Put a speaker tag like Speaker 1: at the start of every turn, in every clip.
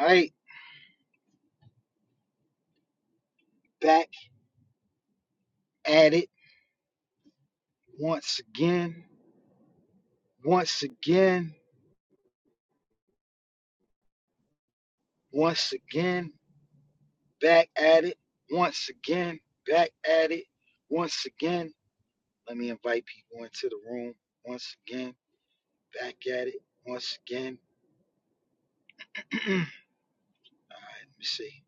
Speaker 1: All right, back at it once again, once again, once again, back at it once again, back at it once again. Let me invite people into the room once again, back at it once again. All right, let me see.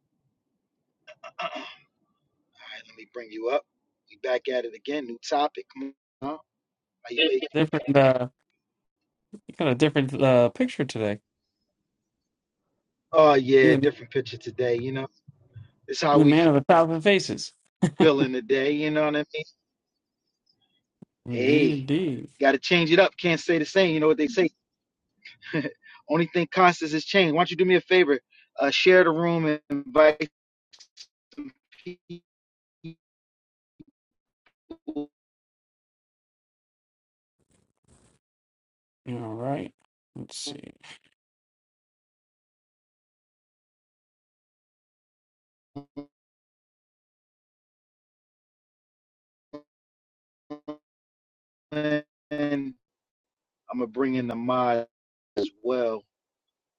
Speaker 1: All right, let me bring you up. We back at it again, new topic. Come on. How you feel?
Speaker 2: different uh you got a different uh picture today.
Speaker 1: Oh yeah,
Speaker 2: You're the,
Speaker 1: different picture today. You know, it's how
Speaker 2: you're the
Speaker 1: we
Speaker 2: man of a thousand faces.
Speaker 1: feeling today. You know what I mean?
Speaker 2: Indeed,
Speaker 1: Hey,
Speaker 2: indeed.
Speaker 1: got to change it up. Can't stay the same. You know what they say. Only thing constant is change. Why don't you do me a favor? Uh, share the room and invite people.
Speaker 2: All right. Let's see. Let
Speaker 1: And I'm gonna bring in the mod as well.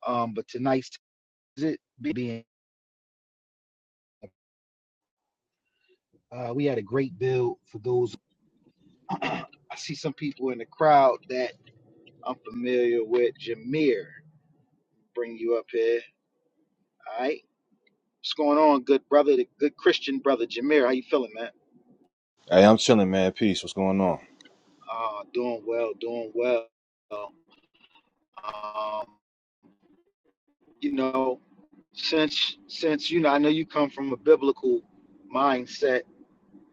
Speaker 1: Um, but tonight's visit being uh, we had a great build for those. I see some people in the crowd that I'm familiar with. Jameer, bring you up here. All right, what's going on, good brother, the good Christian brother Jameer? How you feeling, man?
Speaker 3: Hey, I'm chilling, man. Peace. What's going on?
Speaker 1: Uh, doing well, doing well. Um, you know, since since you know, I know you come from a biblical mindset,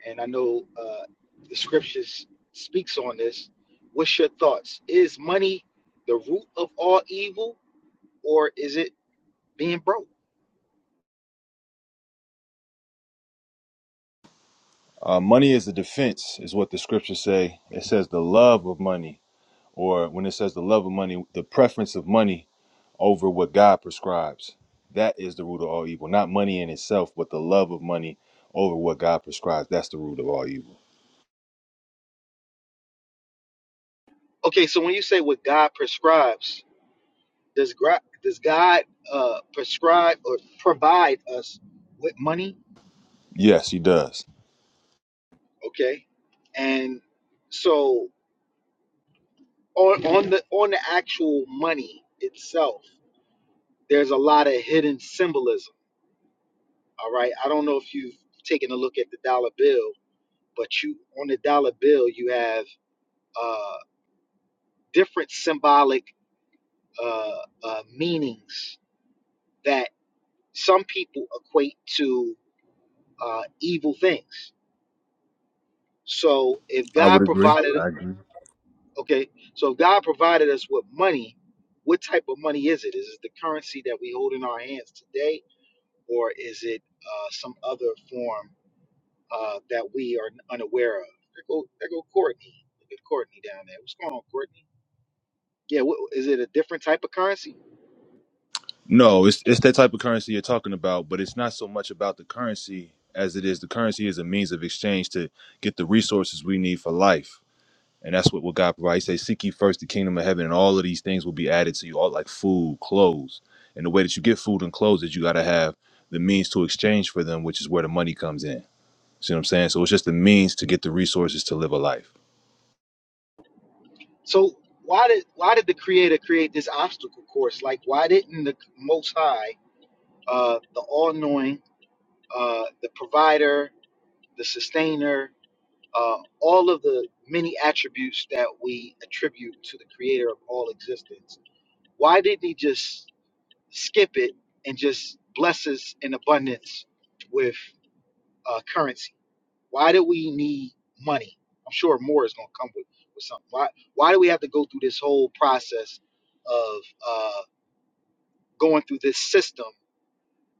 Speaker 1: and I know uh, the scriptures speaks on this. What's your thoughts? Is money the root of all evil, or is it being broke?
Speaker 3: Uh, money is the defense, is what the scriptures say. It says the love of money, or when it says the love of money, the preference of money over what God prescribes. That is the root of all evil. Not money in itself, but the love of money over what God prescribes. That's the root of all evil.
Speaker 1: Okay, so when you say what God prescribes, does God does God uh, prescribe or provide us with money?
Speaker 3: Yes, he does.
Speaker 1: Okay, and so on on the on the actual money itself, there's a lot of hidden symbolism. All right. I don't know if you've taken a look at the dollar bill, but you on the dollar bill you have uh, different symbolic uh, uh, meanings that some people equate to uh, evil things. So if
Speaker 3: I
Speaker 1: God
Speaker 3: would agree.
Speaker 1: provided,
Speaker 3: I agree.
Speaker 1: okay, so if God provided us with money, what type of money is it? Is it the currency that we hold in our hands today? or is it uh, some other form uh, that we are unaware of? There go, there go Courtney. Look at Courtney down there. What's going on, Courtney? Yeah, what, is it a different type of currency?
Speaker 3: No, it's it's that type of currency you're talking about, but it's not so much about the currency as it is the currency is a means of exchange to get the resources we need for life And that's what, what God provides. He says, Seek ye first the kingdom of heaven, and all of these things will be added to you, all like food, clothes. And the way that you get food and clothes is you got to have the means to exchange for them, which is where the money comes in. See what I'm saying? So it's just the means to get the resources to live a life.
Speaker 1: So why did why did the Creator create this obstacle course? Like, why didn't the Most High, uh, the All Knowing, uh, the Provider, the Sustainer, uh, all of the many attributes that we attribute to the Creator of all existence? Why didn't He just skip it and just bless us in abundance with uh, currency? Why do we need money? I'm sure more is going to come with, with something. Why, why do we have to go through this whole process of uh, going through this system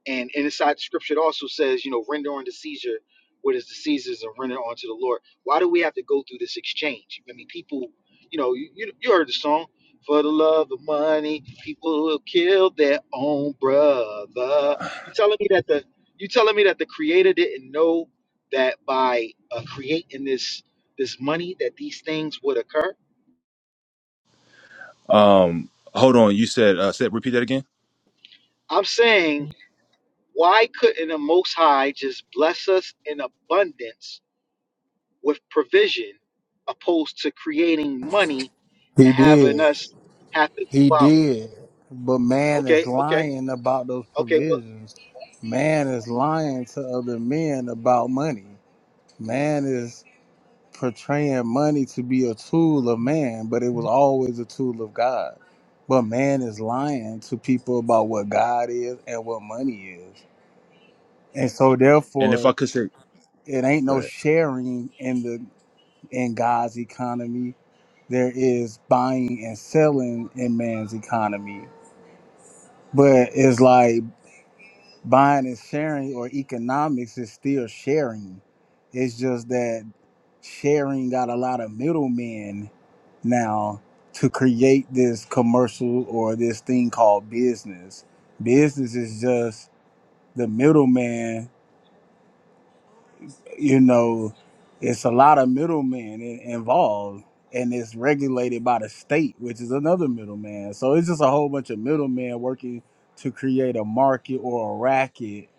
Speaker 1: and inside the scripture, it also says, you know, render unto Caesar what is the Caesar's and render unto the Lord. Why do we have to go through this exchange? I mean, people, you know, you, you you heard the song, for the love of money, people will kill their own brother. You telling me that the you telling me that the creator didn't know that by uh, creating this this money that these things would occur?
Speaker 3: Um, hold on. You said, uh, said, repeat that again.
Speaker 1: I'm saying, why couldn't the Most High just bless us in abundance with provision opposed to creating money
Speaker 4: He
Speaker 1: and having
Speaker 4: did.
Speaker 1: us have to
Speaker 4: He
Speaker 1: go out.
Speaker 4: did. But man is
Speaker 1: Okay, okay,
Speaker 4: lying about those
Speaker 1: okay. But
Speaker 4: provisions. Man is lying to other men about money. Man is portraying money to be a tool of man, but it was always a tool of God. But man is lying to people about what God is and what money is. And so
Speaker 3: And if
Speaker 4: therefore,
Speaker 3: I could say,
Speaker 4: it ain't
Speaker 3: go
Speaker 4: no
Speaker 3: ahead.
Speaker 4: sharing in the in God's economy. There is buying and selling in man's economy But it's like buying and sharing or economics is still sharing. It's just that sharing got a lot of middlemen now to create this commercial or this thing called business. Business is just the middleman, you know, it's a lot of middlemen in- involved and it's regulated by the state, which is another middleman. So it's just a whole bunch of middlemen working to create a market or a racket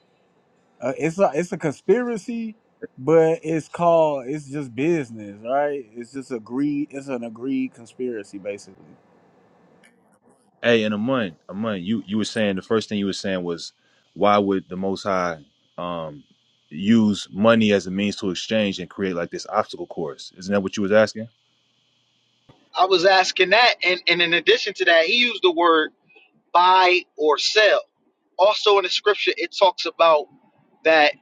Speaker 4: uh, it's a it's a conspiracy, but it's called it's just business, right? It's just agreed. It's an agreed conspiracy, basically.
Speaker 3: Hey, in a month, a month, you, you were saying, the first thing you were saying was, why would the Most High, um, use money as a means to exchange and create like this obstacle course? Isn't that what you was asking?
Speaker 1: I was asking that, and, and in addition to that, he used the word buy or sell. Also in the scripture, it talks about that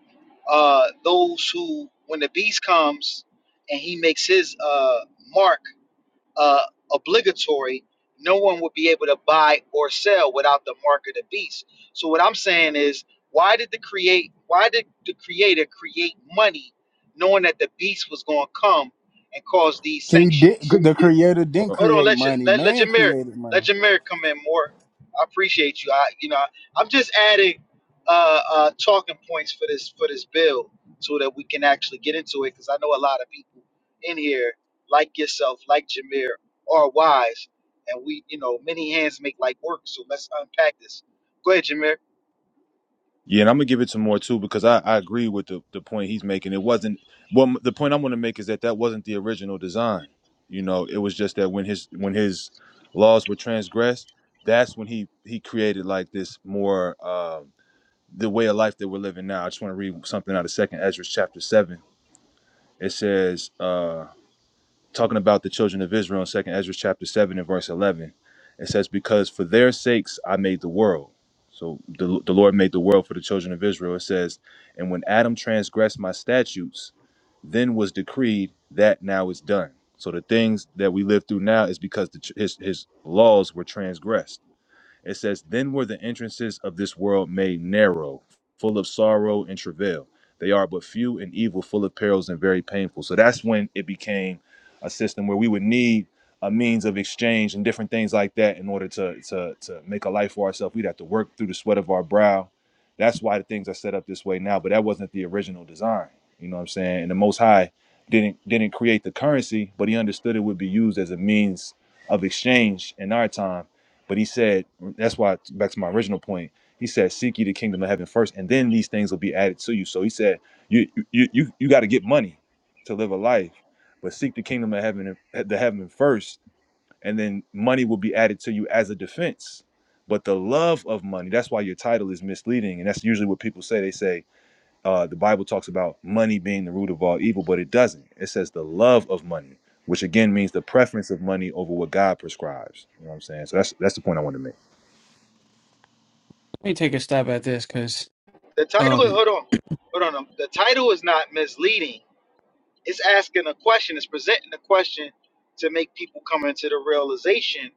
Speaker 1: uh, those who, when the beast comes and he makes his uh, mark, uh, obligatory, no one would be able to buy or sell without the mark of the beast. So what I'm saying is, why did the create? Why did the creator create money, knowing that the beast was going to come and cause these
Speaker 4: He did.
Speaker 1: sanctions?
Speaker 4: The creator didn't
Speaker 1: Hold on,
Speaker 4: create
Speaker 1: let your
Speaker 4: money.
Speaker 1: let, let
Speaker 4: Man
Speaker 1: your mirror
Speaker 4: created money.
Speaker 1: let your mirror come in more. I appreciate you. I you know I'm just adding uh, uh, talking points for this for this bill so that we can actually get into it because I know a lot of people in here like yourself, like Jameer, are wise, and we you know many hands make light work. So let's unpack this. Go ahead, Jameer.
Speaker 3: Yeah, and I'm gonna give it to more too because I, I agree with the, the point he's making. It wasn't well. The point I'm gonna make is that that wasn't the original design. You know, it was just that when his when his laws were transgressed, that's when he he created like this more uh, the way of life that we're living now. I just want to read something out of Second Ezra chapter seven. It says. uh, talking about the children of Israel in Second Ezra chapter seven and verse eleven. It says, "Because for their sakes I made the world." So the, the Lord made the world for the children of Israel. It says, "And when Adam transgressed my statutes, then was decreed that now is done." So the things that we live through now is because the, ch- his his laws were transgressed. It says, Then were the entrances of this world made narrow, full of sorrow and travail. They are but few and evil, full of perils and very painful. So that's when it became a system where we would need a means of exchange and different things like that in order to to to make a life for ourselves. We'd have to work through the sweat of our brow. That's why the things are set up this way now, but that wasn't the original design. You know what I'm saying? And the most high didn't didn't create the currency, but he understood it would be used as a means of exchange in our time but he said, that's why, back to my original point, he said, seek ye the kingdom of heaven first, and then these things will be added to you. So he said, you you you, you got to get money to live a life, but seek the kingdom of heaven, the heaven first, and then money will be added to you as a defense. But the love of money, that's why your title is misleading. And that's usually what people say. They say, uh, the Bible talks about money being the root of all evil, but it doesn't. It says the love of money, which again means the preference of money over what God prescribes. You know what I'm saying? So that's that's the point I wanted to make.
Speaker 2: me take a stab at this because
Speaker 1: The title is
Speaker 2: um
Speaker 1: hold on, hold on. um, The title is not misleading. It's asking a question. It's presenting a question to make people come into the realization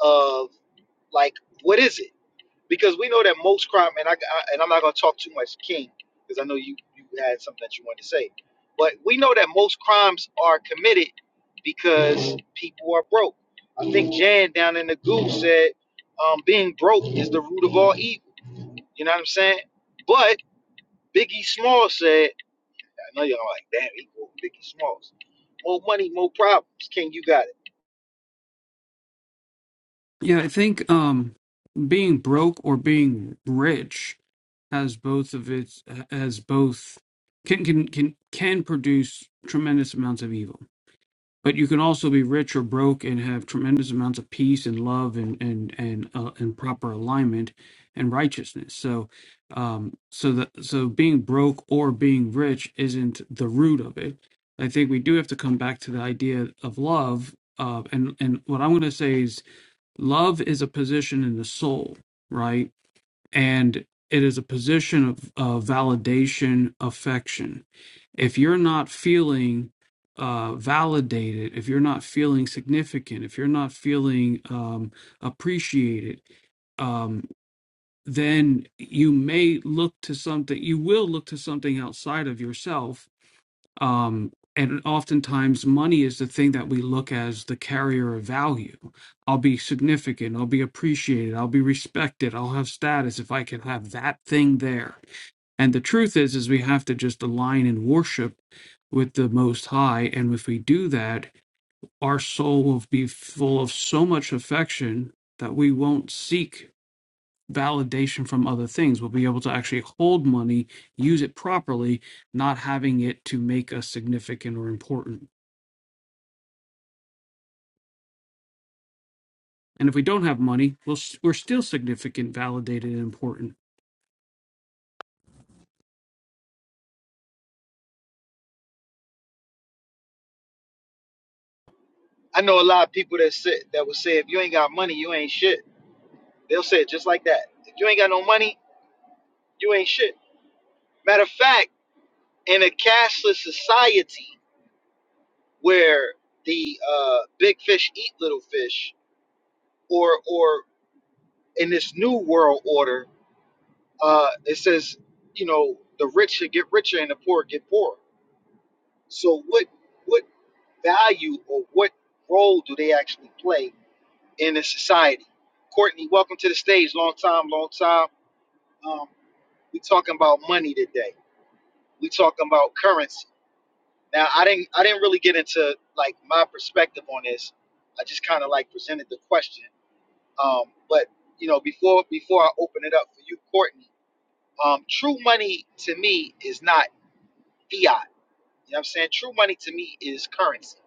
Speaker 1: of. Like, what is it? Because we know that most crime, and I, I and I'm not gonna talk too much, King, because I know you you had something that you wanted to say. But we know that most crimes are committed because people are broke. I think Jan down in the goo said, um, being broke is the root of all evil. You know what I'm saying? But Biggie Small said, I know y'all like, damn, he cool, Biggie Smalls. More money, more problems. King, you got it.
Speaker 2: yeah, I think um being broke or being rich has both of its has both can can can can produce tremendous amounts of evil. but you can also be rich or broke and have tremendous amounts of peace and love and and and uh, and proper alignment and righteousness so um so that so being broke or being rich isn't the root of it i think we do have to come back to the idea of love uh, and and what i'm going to say is love is a position in the soul right and it is a position of, of validation affection if you're not feeling uh, validated, if you're not feeling significant, if you're not feeling um, appreciated, um, then you may look to something, you will look to something outside of yourself. Um, and oftentimes, money is the thing that we look as the carrier of value. I'll be significant, I'll be appreciated, I'll be respected, I'll have status if I can have that thing there and the truth is, is we have to just align in worship with the Most High. And if we do that, our soul will be full of so much affection that we won't seek validation from other things. We'll be able to actually hold money, use it properly, not having it to make us significant or important. And if we don't have money, we'll, we're still significant, validated, and important
Speaker 1: I know a lot of people that said that would say if you ain't got money, you ain't shit They'll say it just like that. If you ain't got no money, you ain't shit. Matter of fact, in a cashless society where the uh, big fish eat little fish, or or in this new world order, uh, it says you know the rich should get richer and the poor get poorer. So what what value or what role do they actually play in a society? Courtney, welcome to the stage. Long time, long time. Um, we talking about money today. We talking about currency Now I didn't I didn't really get into like my perspective on this. I just kind of like presented the question. Um, but you know before before I open it up for you, Courtney, um, true money to me is not fiat. You know what I'm saying? True money to me is currency.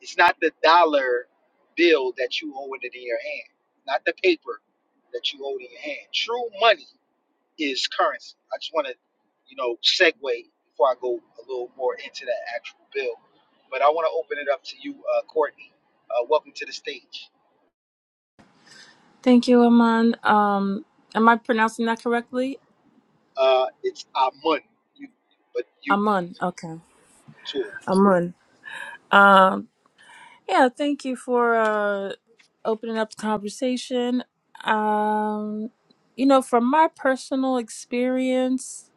Speaker 1: It's not the dollar bill that you hold it in your hand, not the paper that you hold in your hand. True money is currency. I just want to, you know, segue before I go a little more into that actual bill. But I want to open it up to you, uh, Courtney. Uh, welcome to the stage.
Speaker 5: Thank you, Aman. Um, am I pronouncing that correctly?
Speaker 1: Uh, it's our money, you, but you
Speaker 5: Aman. Okay,
Speaker 1: tour.
Speaker 5: Aman. Um, yeah. Thank you for uh, opening up the conversation. Um, you know, from my personal experience,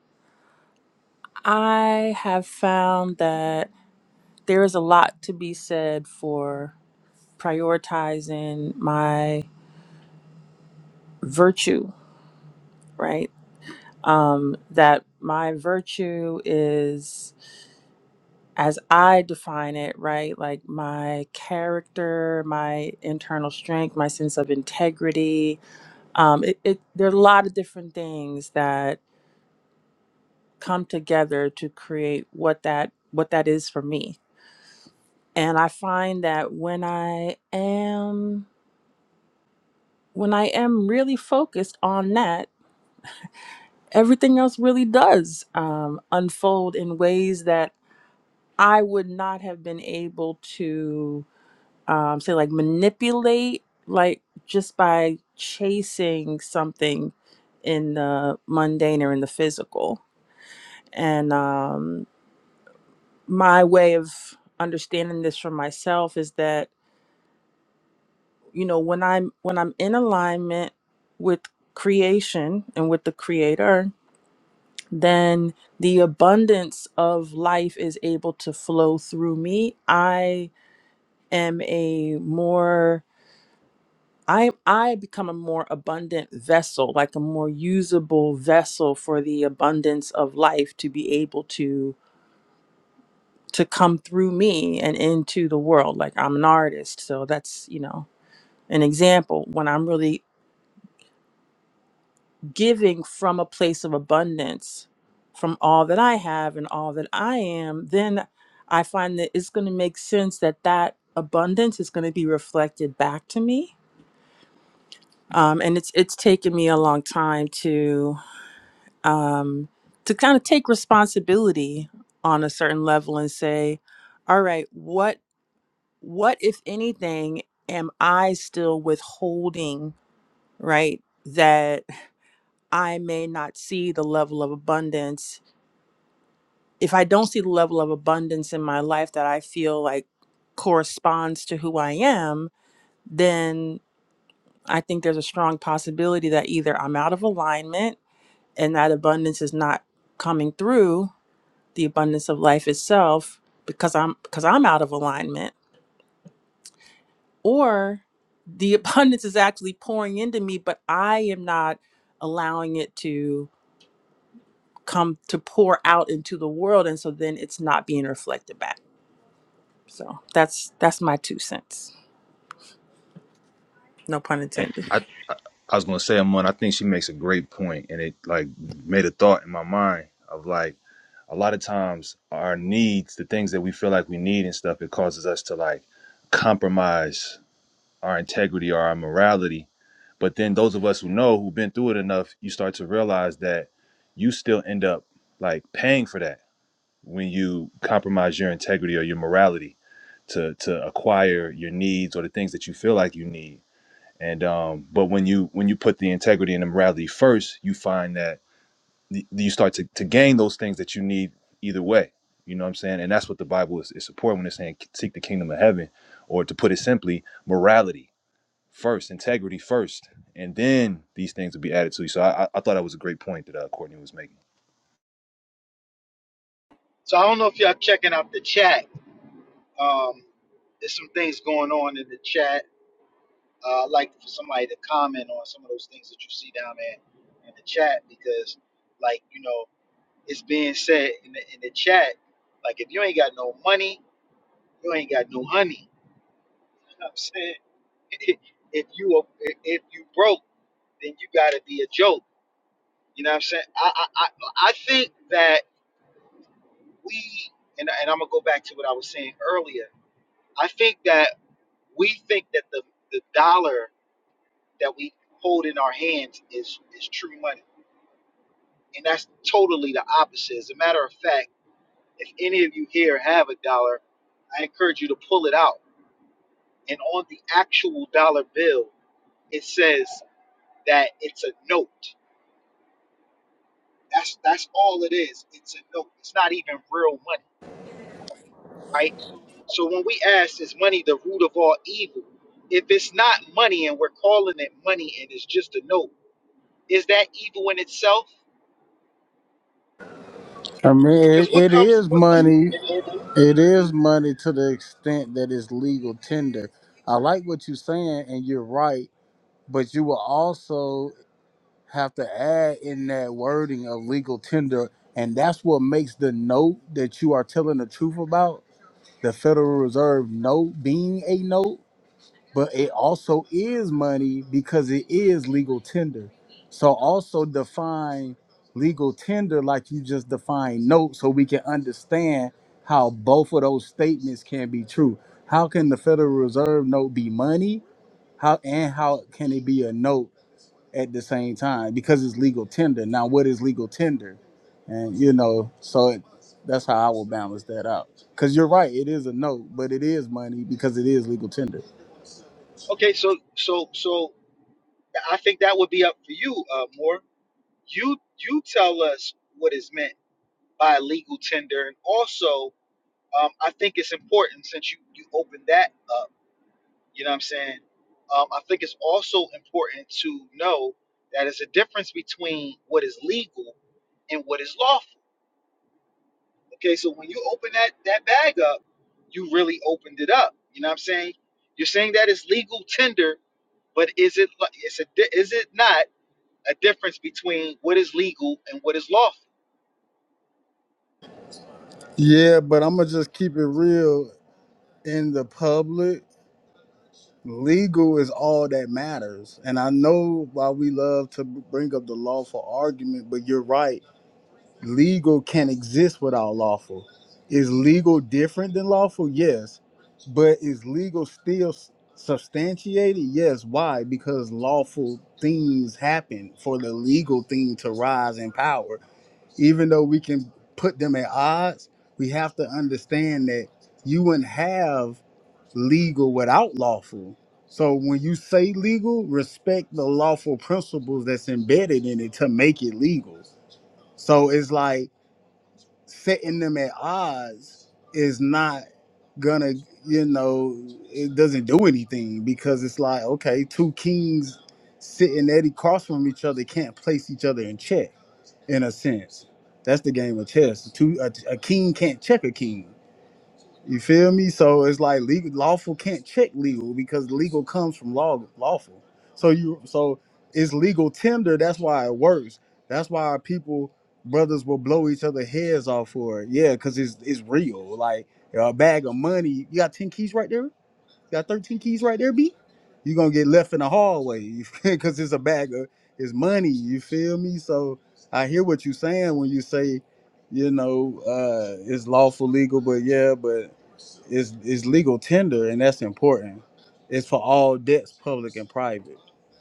Speaker 5: I have found that there is a lot to be said for prioritizing my virtue. Right. Um, that my virtue is as I define it, right? Like my character, my internal strength, my sense of integrity. Um, it, it there are a lot of different things that come together to create what that what that is for me. And I find that when I am when I am really focused on that, everything else really does um, unfold in ways that I would not have been able to um, say like manipulate, like just by chasing something in the mundane or in the physical. And um, my way of understanding this for myself is that you know when I'm when I'm in alignment with creation and with the Creator, then the abundance of life is able to flow through me. I am a more I I become a more abundant vessel, like a more usable vessel for the abundance of life to be able to to come through me and into the world. Like I'm an artist, so that's, you know, an example when I'm really giving from a place of abundance from all that I have and all that I am, then I find that it's going to make sense that that abundance is going to be reflected back to me. Um, and it's it's taken me a long time um, to kind of take responsibility on a certain level and say, all right, what what if anything am I still withholding, right? That I may not see the level of abundance. If I don't see the level of abundance in my life that I feel like corresponds to who I am, then I think there's a strong possibility that either I'm out of alignment and that abundance is not coming through the abundance of life itself because I'm because I'm out of alignment or the abundance is actually pouring into me but I am not allowing it to come to pour out into the world and so then it's not being reflected back. So that's that's my two cents. No pun
Speaker 3: And
Speaker 5: intended.
Speaker 3: I, I was gonna say, Amon, I think she makes a great point, and it like made a thought in my mind of like a lot of times our needs, the things that we feel like we need and stuff, it causes us to like compromise our integrity or our morality. But then those of us who know who've been through it enough, you start to realize that you still end up like paying for that when you compromise your integrity or your morality to to acquire your needs or the things that you feel like you need. And um, but when you when you put the integrity and the morality first, you find that y- you start to, to gain those things that you need either way. You know what I'm saying? And that's what the Bible is, is supporting when it's saying seek the kingdom of heaven, or to put it simply, morality first, integrity first, and then these things will be added to you. So I, I I thought that was a great point that uh, Courtney was making.
Speaker 1: So I don't know if y'all checking out the chat. Um, there's some things going on in the chat. Uh, I'd like for somebody to comment on some of those things that you see down there in the chat because, like, you know, it's being said in the, in the chat, like, if you ain't got no money, You ain't got no money. You know what I'm saying? if you a, if you broke, then you gotta be a joke. You know what I'm saying? I I, I, I think that we and, and I'm gonna go back to what I was saying earlier. I think that we think that the, the dollar that we hold in our hands is is true money. And that's totally the opposite. As a matter of fact, if any of you here have a dollar, I encourage you to pull it out. And on the actual dollar bill, it says that it's a note. That's that's all it is. It's a note. It's not even real money, right? So when we ask, is money the root of all evil? If it's not money and we're calling it money and it's just a note, is that evil in itself?
Speaker 4: I mean,
Speaker 1: Because
Speaker 4: it,
Speaker 1: what
Speaker 4: it
Speaker 1: comes?
Speaker 4: is
Speaker 1: What,
Speaker 4: money. It is money to the extent that it's legal tender. I like what you're saying, and you're right. But you will also have to add in that wording of legal tender, and that's what makes the note that you are telling the truth about. the Federal Reserve note being a note, but it also is money because it is legal tender. So also define legal tender like you just define note so we can understand how both of those statements can be true. How can the Federal Reserve note be money? How and how can it be a note? at the same time because it's legal tender. Now, what is legal tender? And you know, so it, that's how I will balance that out. Because you're right, it is a note, but it is money because it is legal tender.
Speaker 1: okay, so so so I think that would be up for you, uh, more. You you tell us what is meant by legal tender, and also um, I think it's important since you you opened that up You know what I'm saying? Um, I think it's also important to know that it's a difference between what is legal and what is lawful. Okay, so when you open that that bag up, you really opened it up. You know what I'm saying? You're saying that it's legal tender, but is it li- is it di- is it not a difference between what is legal and what is lawful?
Speaker 4: Yeah, but I'm gonna just keep it real in the public. Legal is all that matters, and I know why we love to b- bring up the law for argument. But you're right. legal can exist without lawful. Is legal different than lawful? Yes. But is legal still s- substantiated? Yes. Why? Because lawful things happen for the legal thing to rise in power. Even though we can put them at odds, we have to understand that you wouldn't have legal without lawful. So when you say legal, respect the lawful principles that's embedded in it to make it legal. So it's like setting them at odds is not gonna you know it doesn't do anything because it's like okay two kings sitting at across from each other can't place each other in check in a sense that's the game of chess two a, a king can't check a king you feel me? So it's like legal, lawful can't check legal because legal comes from law, lawful. So you, so it's legal tender. That's why it works. That's why people, brothers, will blow each other heads off for it. Yeah, because it's it's real. Like a bag of money. You got ten keys right there. Got 13 keys right there, B. You're gonna get left in the hallway because it's a bag of it's money, you feel me? So I hear what you're saying when you say, you know, uh it's lawful legal, but yeah, but it's it's legal tender and that's important. It's for all debts, public and private.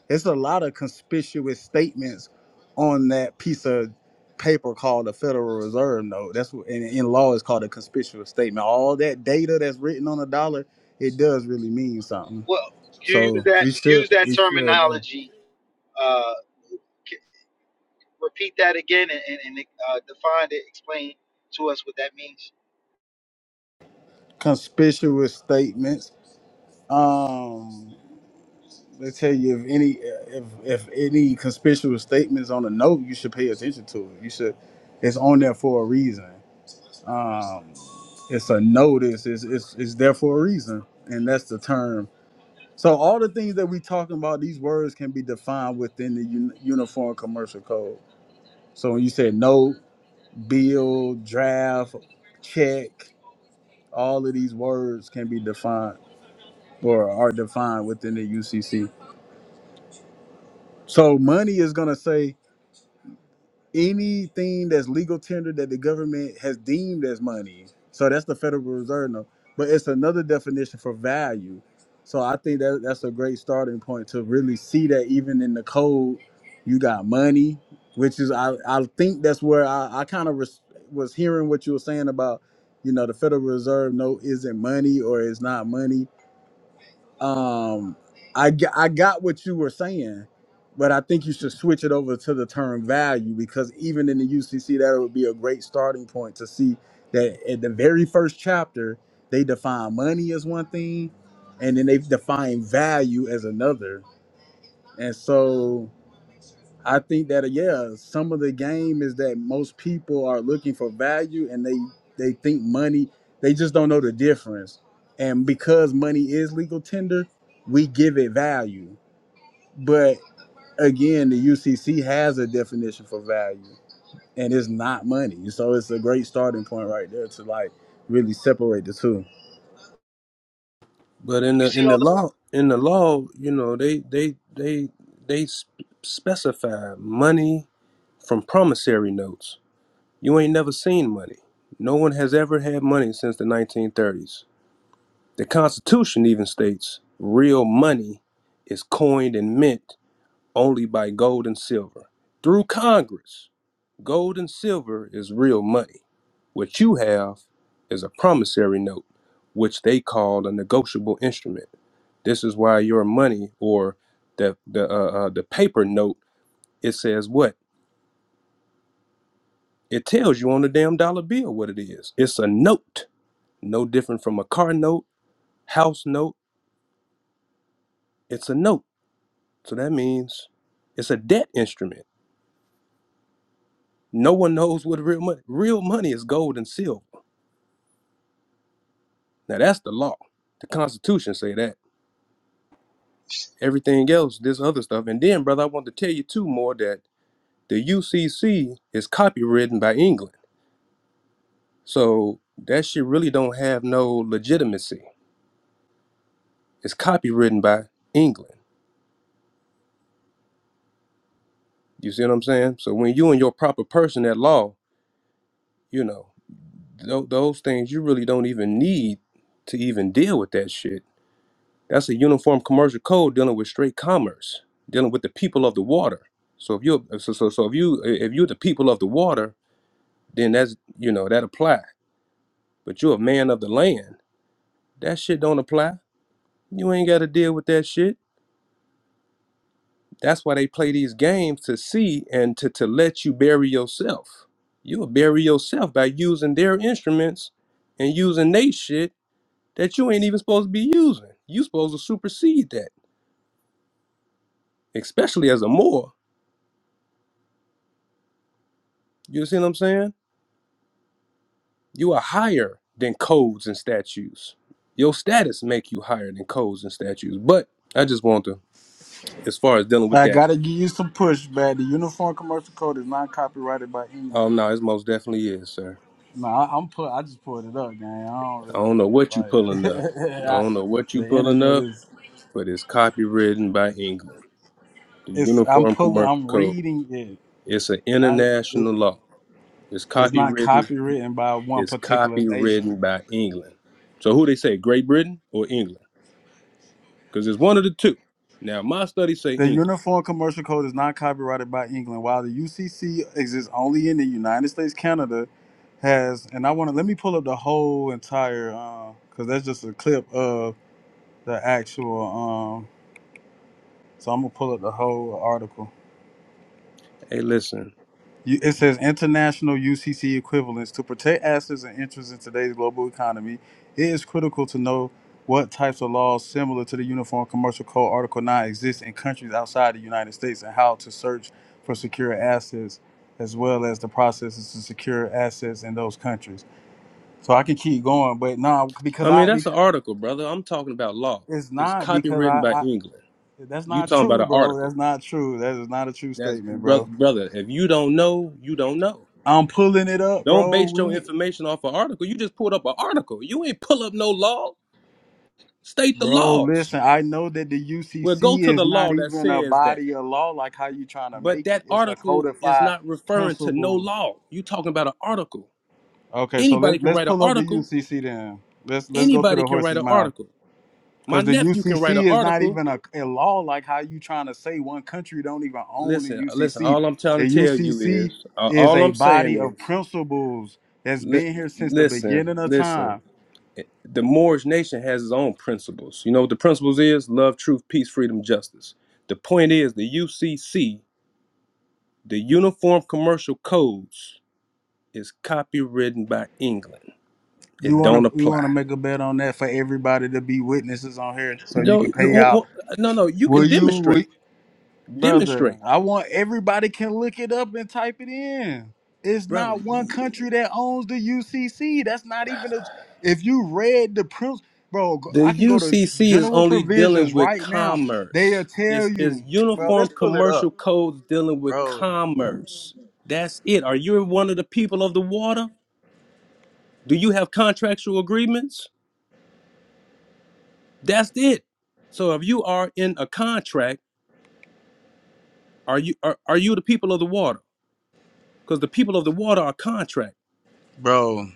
Speaker 4: It's a lot of conspicuous statements on that piece of paper called the Federal Reserve note. That's what and in in law is called a conspicuous statement. All that data that's written on a dollar it does really mean something.
Speaker 1: Well, you use
Speaker 4: So
Speaker 1: that
Speaker 4: we should
Speaker 1: use that
Speaker 4: we should know.
Speaker 1: terminology. Uh, c- repeat that again and, and, and uh, define it, explain to us what that means.
Speaker 4: Conspicuous statements. Um they tell you if any if if any conspicuous statements on a note, you should pay attention to it. You should it's on there for a reason. Um it's a notice, it's it's it's there for a reason. And that's the term. So all the things that we talking about, these words can be defined within the un- uniform commercial code. So when you say no. build, draft, check, all of these words can be defined or are defined within the UCC. So money is going to say anything that's legal tender that the government has deemed as money. So that's the Federal Reserve note. But it's another definition for value. So I think that that's a great starting point to really see that even in the code, you got money, which is I, I think that's where I, I kind of res- was hearing what you were saying about, you know, the Federal Reserve note isn't money or it's not money um I, g- I got what you were saying but i think you should switch it over to the term value because even in the ucc that would be a great starting point to see that at the very first chapter they define money as one thing and then they define value as another and so I think that yeah, some of the game is that most people are looking for value and they they think money, they just don't know the difference. And because money is legal tender, we give it value. But again, the UCC has a definition for value and it's not money. So it's a great starting point right there to like really separate the two.
Speaker 6: But in
Speaker 1: You
Speaker 6: the
Speaker 1: see
Speaker 6: in
Speaker 1: all
Speaker 6: the
Speaker 1: the
Speaker 6: law in the law, you know, they they they they sp- specify money from promissory notes. You ain't never seen money. No one has ever had money since the 1930s. The Constitution even states real money is coined and mint only by gold and silver. Through Congress, gold and silver is real money. What you have is a promissory note, which they call a negotiable instrument. This is why your money or the the uh, uh, the paper note it says what? It tells you on the damn dollar bill what it is. It's a note, no different from a car note, house note. It's a note, so that means it's a debt instrument. No one knows what real money. Real money is gold and silver. Now that's the law. The Constitution say that. Everything else, this other stuff. And then, brother, I want to tell you too more that the UCC is copywritten by England. So that shit really don't have no legitimacy. It's copywritten by England. You see what I'm saying? So when you and your proper person at law, you know, th- those things you really don't even need to even deal with that shit. That's a uniform commercial code dealing with straight commerce, dealing with the people of the water. So if you so so, so if you if you're the people of the water, then that's you know that apply. But you're a man of the land. That shit don't apply. You ain't got to deal with that shit. That's why they play these games to see and to, to let you bury yourself. You'll bury yourself by using their instruments and using they shit that you ain't even supposed to be using. You supposed to supersede that, especially as a Moor. You see what I'm saying? You are higher than codes and statues. Your status make you higher than codes and statues. But I just want to, as far as dealing with
Speaker 4: I
Speaker 6: that,
Speaker 4: gotta give you some pushback. The Uniform Commercial Code is not copyrighted by
Speaker 6: oh
Speaker 4: England.
Speaker 6: no, it most definitely is, sir.
Speaker 4: No, I, I'm put. I just pulled it up, man. I don't
Speaker 6: I
Speaker 4: really
Speaker 6: don't know what you
Speaker 4: like
Speaker 6: pulling up. I
Speaker 4: I,
Speaker 6: don't know what you
Speaker 4: the
Speaker 6: pulling
Speaker 4: internet
Speaker 6: up.
Speaker 4: is.
Speaker 6: but is copywritten by England. The
Speaker 4: It's. I'm
Speaker 6: Uniform
Speaker 4: pulling.
Speaker 6: Commercial
Speaker 4: I'm
Speaker 6: Code.
Speaker 4: reading it.
Speaker 6: It's an
Speaker 4: I. It,
Speaker 6: international law. It's
Speaker 4: it's not
Speaker 6: copywritten.
Speaker 4: copywritten by one
Speaker 6: It's
Speaker 4: particular nation.
Speaker 6: copywritten by England. So who they say, Great Britain or England? Because it's one of the two. Now my studies say
Speaker 4: The
Speaker 6: England.
Speaker 4: Uniform Commercial Code is not copyrighted by England, while the UCC exists only in the United States. Canada has, and I want to let me pull up the whole entire, because that's just a clip of the actual. Um, so I'm gonna pull up the whole article.
Speaker 6: Hey, listen.
Speaker 4: You- It says international UCC equivalents to protect assets and interests in today's global economy. It is critical to know what types of laws similar to the Uniform Commercial Code Article 9 exist in countries outside the United States and how to search for secure assets as well as the processes to secure assets in those countries. So I can keep going, but nah, because
Speaker 6: I mean
Speaker 4: I be-
Speaker 6: that's an article, brother. I'm talking about law.
Speaker 4: it's
Speaker 6: It's
Speaker 4: not because
Speaker 6: copywritten
Speaker 4: I,
Speaker 6: by
Speaker 4: I
Speaker 6: England.
Speaker 4: that's
Speaker 6: You
Speaker 4: not
Speaker 6: talking about
Speaker 4: true,
Speaker 6: an
Speaker 4: bro.
Speaker 6: article?
Speaker 4: That's not true. That is not a true
Speaker 6: That's
Speaker 4: statement,
Speaker 6: brother,
Speaker 4: bro.
Speaker 6: brother. If you don't know, you don't know.
Speaker 4: I'm pulling it up,
Speaker 6: Don't
Speaker 4: bro.
Speaker 6: base your
Speaker 4: We
Speaker 6: information off an article. You just pulled up an article. You ain't pull up no law. State the
Speaker 4: Bro,
Speaker 6: laws.
Speaker 4: listen, I know that the
Speaker 6: Well, go
Speaker 4: UCC
Speaker 6: to
Speaker 4: is
Speaker 6: the
Speaker 4: not
Speaker 6: law that
Speaker 4: even a
Speaker 6: says that.
Speaker 4: body of law like how you trying to
Speaker 6: But
Speaker 4: make it.
Speaker 6: that
Speaker 4: It's a
Speaker 6: article is
Speaker 4: codified
Speaker 6: not referring to no
Speaker 4: principle.
Speaker 6: law. you talking about an article.
Speaker 4: Okay, so
Speaker 6: Anybody
Speaker 4: let,
Speaker 6: can
Speaker 4: let's
Speaker 6: write an
Speaker 4: pull up the
Speaker 6: article.
Speaker 4: UCC then. Let's let's go to
Speaker 6: Anybody
Speaker 4: the
Speaker 6: can write
Speaker 4: horse's
Speaker 6: an
Speaker 4: mouth
Speaker 6: article. My
Speaker 4: cuz the
Speaker 6: nephew can write an
Speaker 4: UCC is not
Speaker 6: article.
Speaker 4: even a, a law like how you trying to say one country don't even own the
Speaker 6: Listen, uh, listen,
Speaker 4: UCC.
Speaker 6: all I'm
Speaker 4: The
Speaker 6: trying to tell you
Speaker 4: UCC
Speaker 6: is, uh,
Speaker 4: is
Speaker 6: all
Speaker 4: a
Speaker 6: I'm saying
Speaker 4: body of
Speaker 6: is,
Speaker 4: principles that's
Speaker 6: li-
Speaker 4: been here since the
Speaker 6: listen,
Speaker 4: beginning of
Speaker 6: listen.
Speaker 4: time.
Speaker 6: Eh, The Moorish nation has its own principles. You know what the principles is? Love, truth, peace, freedom, justice. The point is, the UCC, the Uniform Commercial Codes, is copywritten by England.
Speaker 4: You
Speaker 6: It
Speaker 4: want
Speaker 6: don't
Speaker 4: to you want
Speaker 6: apply.
Speaker 4: to make a bet on that for everybody to be witnesses on here so you
Speaker 6: No,
Speaker 4: can pay out
Speaker 6: no, no, no. You
Speaker 4: Will
Speaker 6: can
Speaker 4: you, will,
Speaker 6: demonstrate.
Speaker 4: brother?
Speaker 6: Demonstrate,
Speaker 4: I want everybody can look it up and type it in. It's
Speaker 6: brother.
Speaker 4: not one country that owns the UCC. That's not even a. If you read the prince, bro, go-
Speaker 6: The
Speaker 4: I can go to
Speaker 6: UCC is
Speaker 4: general
Speaker 6: only dealing
Speaker 4: provisions
Speaker 6: with
Speaker 4: right now. They'll
Speaker 6: commerce.
Speaker 4: tell
Speaker 6: It's, it's
Speaker 4: you, bro.
Speaker 6: uniform
Speaker 4: Let's pull it
Speaker 6: commercial
Speaker 4: up,
Speaker 6: codes dealing with
Speaker 4: bro.
Speaker 6: commerce. That's it. Are you one of the people of the water? Do you have contractual agreements? That's it. So if you are in a contract, are you are, are you the people of the water? Because the people of the water are contract.
Speaker 4: Bro,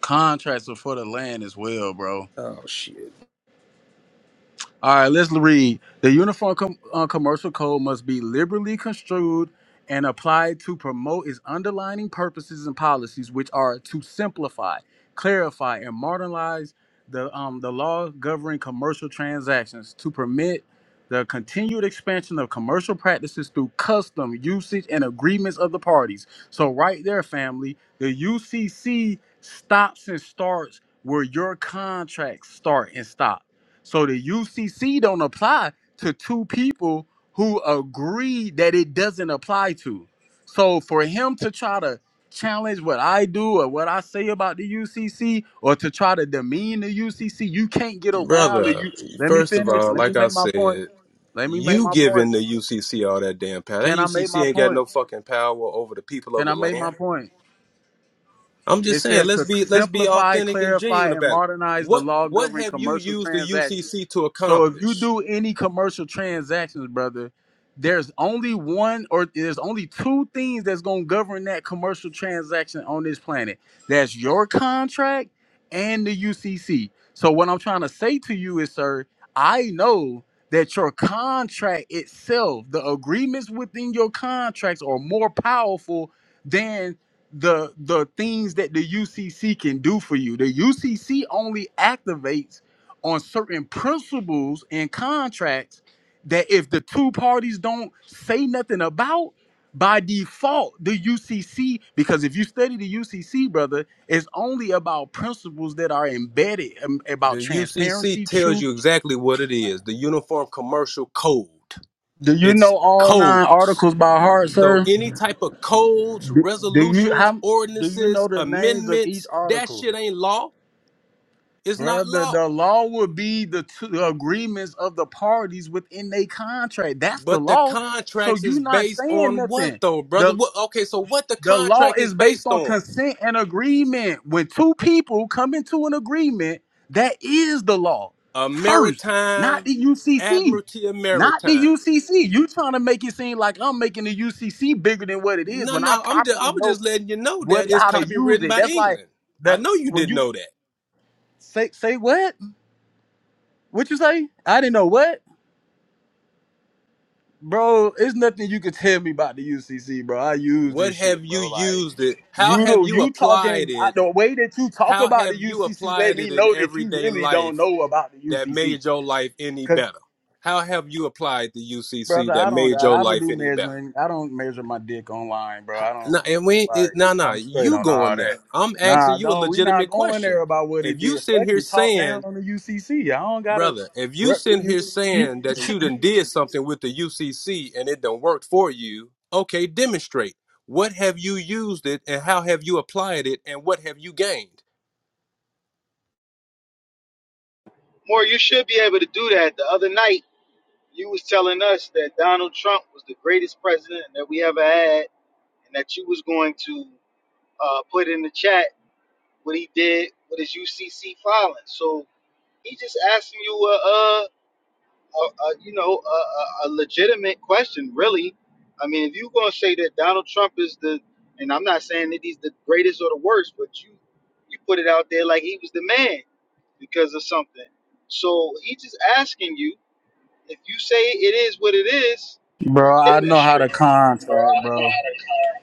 Speaker 4: contracts are for the land as well, bro.
Speaker 6: Oh shit.
Speaker 4: All right, let's read. The uniform com- uh, commercial code must be liberally construed and applied to promote its underlining purposes and policies, which are to simplify, clarify, and modernize the um, the law governing commercial transactions to permit the continued expansion of commercial practices through custom usage and agreements of the parties. So, right there, family, the UCC stops and starts where your contracts start and stop. So the UCC don't apply to two people who agree that it doesn't apply to. So for him to try to challenge what I do or what I say about the UCC or to try to demean the UCC, you can't get around the
Speaker 6: Brother,
Speaker 4: you Let me
Speaker 6: first of
Speaker 4: finish.
Speaker 6: all,
Speaker 4: Let me
Speaker 6: like I
Speaker 4: make my point.
Speaker 6: said,
Speaker 4: Let me make
Speaker 6: you
Speaker 4: my point.
Speaker 6: giving the UCC all that damn power. That
Speaker 4: Can I make
Speaker 6: UCC
Speaker 4: my
Speaker 6: ain't got
Speaker 4: point?
Speaker 6: no fucking power over the people of
Speaker 4: Can
Speaker 6: the
Speaker 4: I make my
Speaker 6: land.
Speaker 4: point?
Speaker 6: I'm
Speaker 4: It
Speaker 6: just saying,
Speaker 4: says
Speaker 6: let's
Speaker 4: to
Speaker 6: be let's be
Speaker 4: simplify,
Speaker 6: authentic and
Speaker 4: clarify,
Speaker 6: genuine
Speaker 4: and
Speaker 6: about it.
Speaker 4: modernize the
Speaker 6: What
Speaker 4: law
Speaker 6: what
Speaker 4: governing
Speaker 6: have you
Speaker 4: commercial
Speaker 6: used the
Speaker 4: transactions.
Speaker 6: UCC to
Speaker 4: So if you
Speaker 6: accomplish?
Speaker 4: do any commercial transactions, brother, there's only one or there's only two things that's gonna govern that commercial transaction on this planet. That's your contract and the UCC. So what I'm trying to say to you is, sir, I know that your contract itself, the agreements within your contracts, are more powerful the the things that the UCC can do for you. The UCC only activates on certain principles and contracts that if the two parties don't say nothing about by default the UCC because if you study the UCC brother it's only about principles that are embedded um,
Speaker 6: The
Speaker 4: about
Speaker 6: UCC
Speaker 4: transparency
Speaker 6: tells
Speaker 4: truth
Speaker 6: you exactly what it is. The Uniform Commercial Code.
Speaker 4: do you
Speaker 6: It's
Speaker 4: know all nine
Speaker 6: codes.
Speaker 4: articles by heart
Speaker 6: So
Speaker 4: sir
Speaker 6: any type of codes,
Speaker 4: do, do you
Speaker 6: resolutions,
Speaker 4: how do you know
Speaker 6: ordinances,
Speaker 4: the names of each
Speaker 6: amendments, that
Speaker 4: article
Speaker 6: shit ain't law. It's not
Speaker 4: Brother,
Speaker 6: law.
Speaker 4: the law would be the, two, the agreements of the parties within a contract. That's the
Speaker 6: But the
Speaker 4: law. So
Speaker 6: contracts
Speaker 4: you
Speaker 6: is
Speaker 4: not
Speaker 6: based
Speaker 4: saying
Speaker 6: on what
Speaker 4: nothing.
Speaker 6: though, brother?
Speaker 4: The
Speaker 6: What okay, so what the
Speaker 4: the law
Speaker 6: contract is
Speaker 4: is based
Speaker 6: based
Speaker 4: on
Speaker 6: on?
Speaker 4: consent and agreement. When two people come into an agreement, that is the law.
Speaker 6: A
Speaker 4: First, not
Speaker 6: maritime
Speaker 4: the UCC.
Speaker 6: admiralty of
Speaker 4: Not the
Speaker 6: maritime.
Speaker 4: UCC. You trying to make it seem like I'm making the UCC bigger than what it is
Speaker 6: No,
Speaker 4: when I
Speaker 6: no, I'm just,
Speaker 4: properly
Speaker 6: I was
Speaker 4: know
Speaker 6: just letting you know
Speaker 4: what
Speaker 6: that it's
Speaker 4: how to use
Speaker 6: copywritten
Speaker 4: it.
Speaker 6: by
Speaker 4: That's like
Speaker 6: England. I
Speaker 4: that
Speaker 6: know you
Speaker 4: when
Speaker 6: didn't
Speaker 4: you
Speaker 6: know that.
Speaker 4: say say what? What you say? I didn't know what, bro. It's nothing you can tell me about the UCC, bro. I use
Speaker 6: What
Speaker 4: this
Speaker 6: have
Speaker 4: shit,
Speaker 6: you
Speaker 4: bro. Like
Speaker 6: used it? How
Speaker 4: you
Speaker 6: have
Speaker 4: do,
Speaker 6: you
Speaker 4: you
Speaker 6: applied
Speaker 4: talking I,
Speaker 6: it?
Speaker 4: the way that you talk
Speaker 6: How
Speaker 4: about
Speaker 6: have
Speaker 4: the
Speaker 6: you
Speaker 4: UCC. Let
Speaker 6: applied it
Speaker 4: me
Speaker 6: in
Speaker 4: know that you
Speaker 6: everyday
Speaker 4: really don't
Speaker 6: life
Speaker 4: know about the
Speaker 6: that
Speaker 4: UCC,
Speaker 6: made your life any
Speaker 4: cause
Speaker 6: better? How have you applied the UCC
Speaker 4: brother,
Speaker 6: that
Speaker 4: I don't
Speaker 6: made
Speaker 4: got,
Speaker 6: your
Speaker 4: I don't
Speaker 6: life
Speaker 4: do
Speaker 6: any better?
Speaker 4: measuring. I don't measure my dick online, bro. I don't
Speaker 6: No, and we it, no
Speaker 4: like.
Speaker 6: no
Speaker 4: I'm straight
Speaker 6: you
Speaker 4: on
Speaker 6: going
Speaker 4: all
Speaker 6: there.
Speaker 4: that.
Speaker 6: I'm asking
Speaker 4: Nah,
Speaker 6: you a
Speaker 4: don't. We
Speaker 6: legitimate
Speaker 4: not going
Speaker 6: question.
Speaker 4: there about what
Speaker 6: If
Speaker 4: it
Speaker 6: you
Speaker 4: did.
Speaker 6: sitting
Speaker 4: Fuck
Speaker 6: here
Speaker 4: you. Talk
Speaker 6: saying,
Speaker 4: down on the UCC. I don't gotta
Speaker 6: brother, if you
Speaker 4: rep the
Speaker 6: sitting here saying
Speaker 4: UCC.
Speaker 6: that you done did something with the UCC and it done worked for you, okay, demonstrate. What have you used it and how have you applied it and what have you gained?
Speaker 1: more you should be able to do that. The other night you was telling us that Donald Trump was the greatest president that we ever had, and that you was going to uh, put in the chat what he did with his UCC filing. So he just asking you a. uh a, a you know a, a, a legitimate question, really. I mean, if you're gonna say that Donald Trump is the, and I'm not saying that he's the greatest or the worst, but you you put it out there like he was the man because of something. So he's just asking you if you say it is what it is,
Speaker 4: Bro, I know how to
Speaker 1: demonstrate. Bro,
Speaker 4: contract, bro.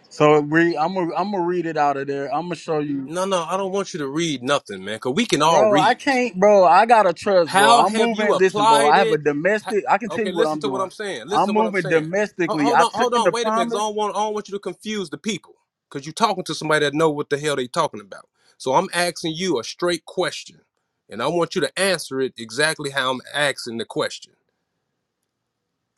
Speaker 4: So re, I'm gonna I'm gonna read it out of there. I'm gonna show you,
Speaker 6: No, no, I don't want you to read nothing, man, because we can all
Speaker 4: bro. I
Speaker 6: read.
Speaker 4: can't, bro. I gotta trust, bro.
Speaker 6: How
Speaker 4: I'm
Speaker 6: have you
Speaker 4: moving. Listen, bro.
Speaker 6: applied
Speaker 4: I have a
Speaker 6: it? Ha-
Speaker 4: domestic. I can tell
Speaker 6: Okay,
Speaker 4: you what
Speaker 6: listen
Speaker 4: I'm
Speaker 6: to what I'm
Speaker 4: doing.
Speaker 6: saying.
Speaker 4: I'm
Speaker 6: Listen to what I'm
Speaker 4: moving
Speaker 6: saying. Ho-
Speaker 4: domestically.
Speaker 6: Hold
Speaker 4: I
Speaker 6: on,
Speaker 4: took
Speaker 6: hold
Speaker 4: in
Speaker 6: on.
Speaker 4: the
Speaker 6: Wait a minute, because I
Speaker 4: promise,
Speaker 6: don't want I don't want you to confuse the people. Because you're talking to somebody that know what the hell they talking about. So I'm asking you a straight question, and I want you to answer it exactly how I'm asking the question.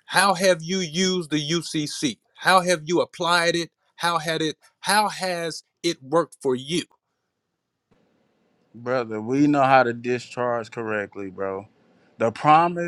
Speaker 6: How have you used the UCC? How have you applied it? How had it? How has it worked for you?
Speaker 4: brother. We know how to discharge correctly, bro. The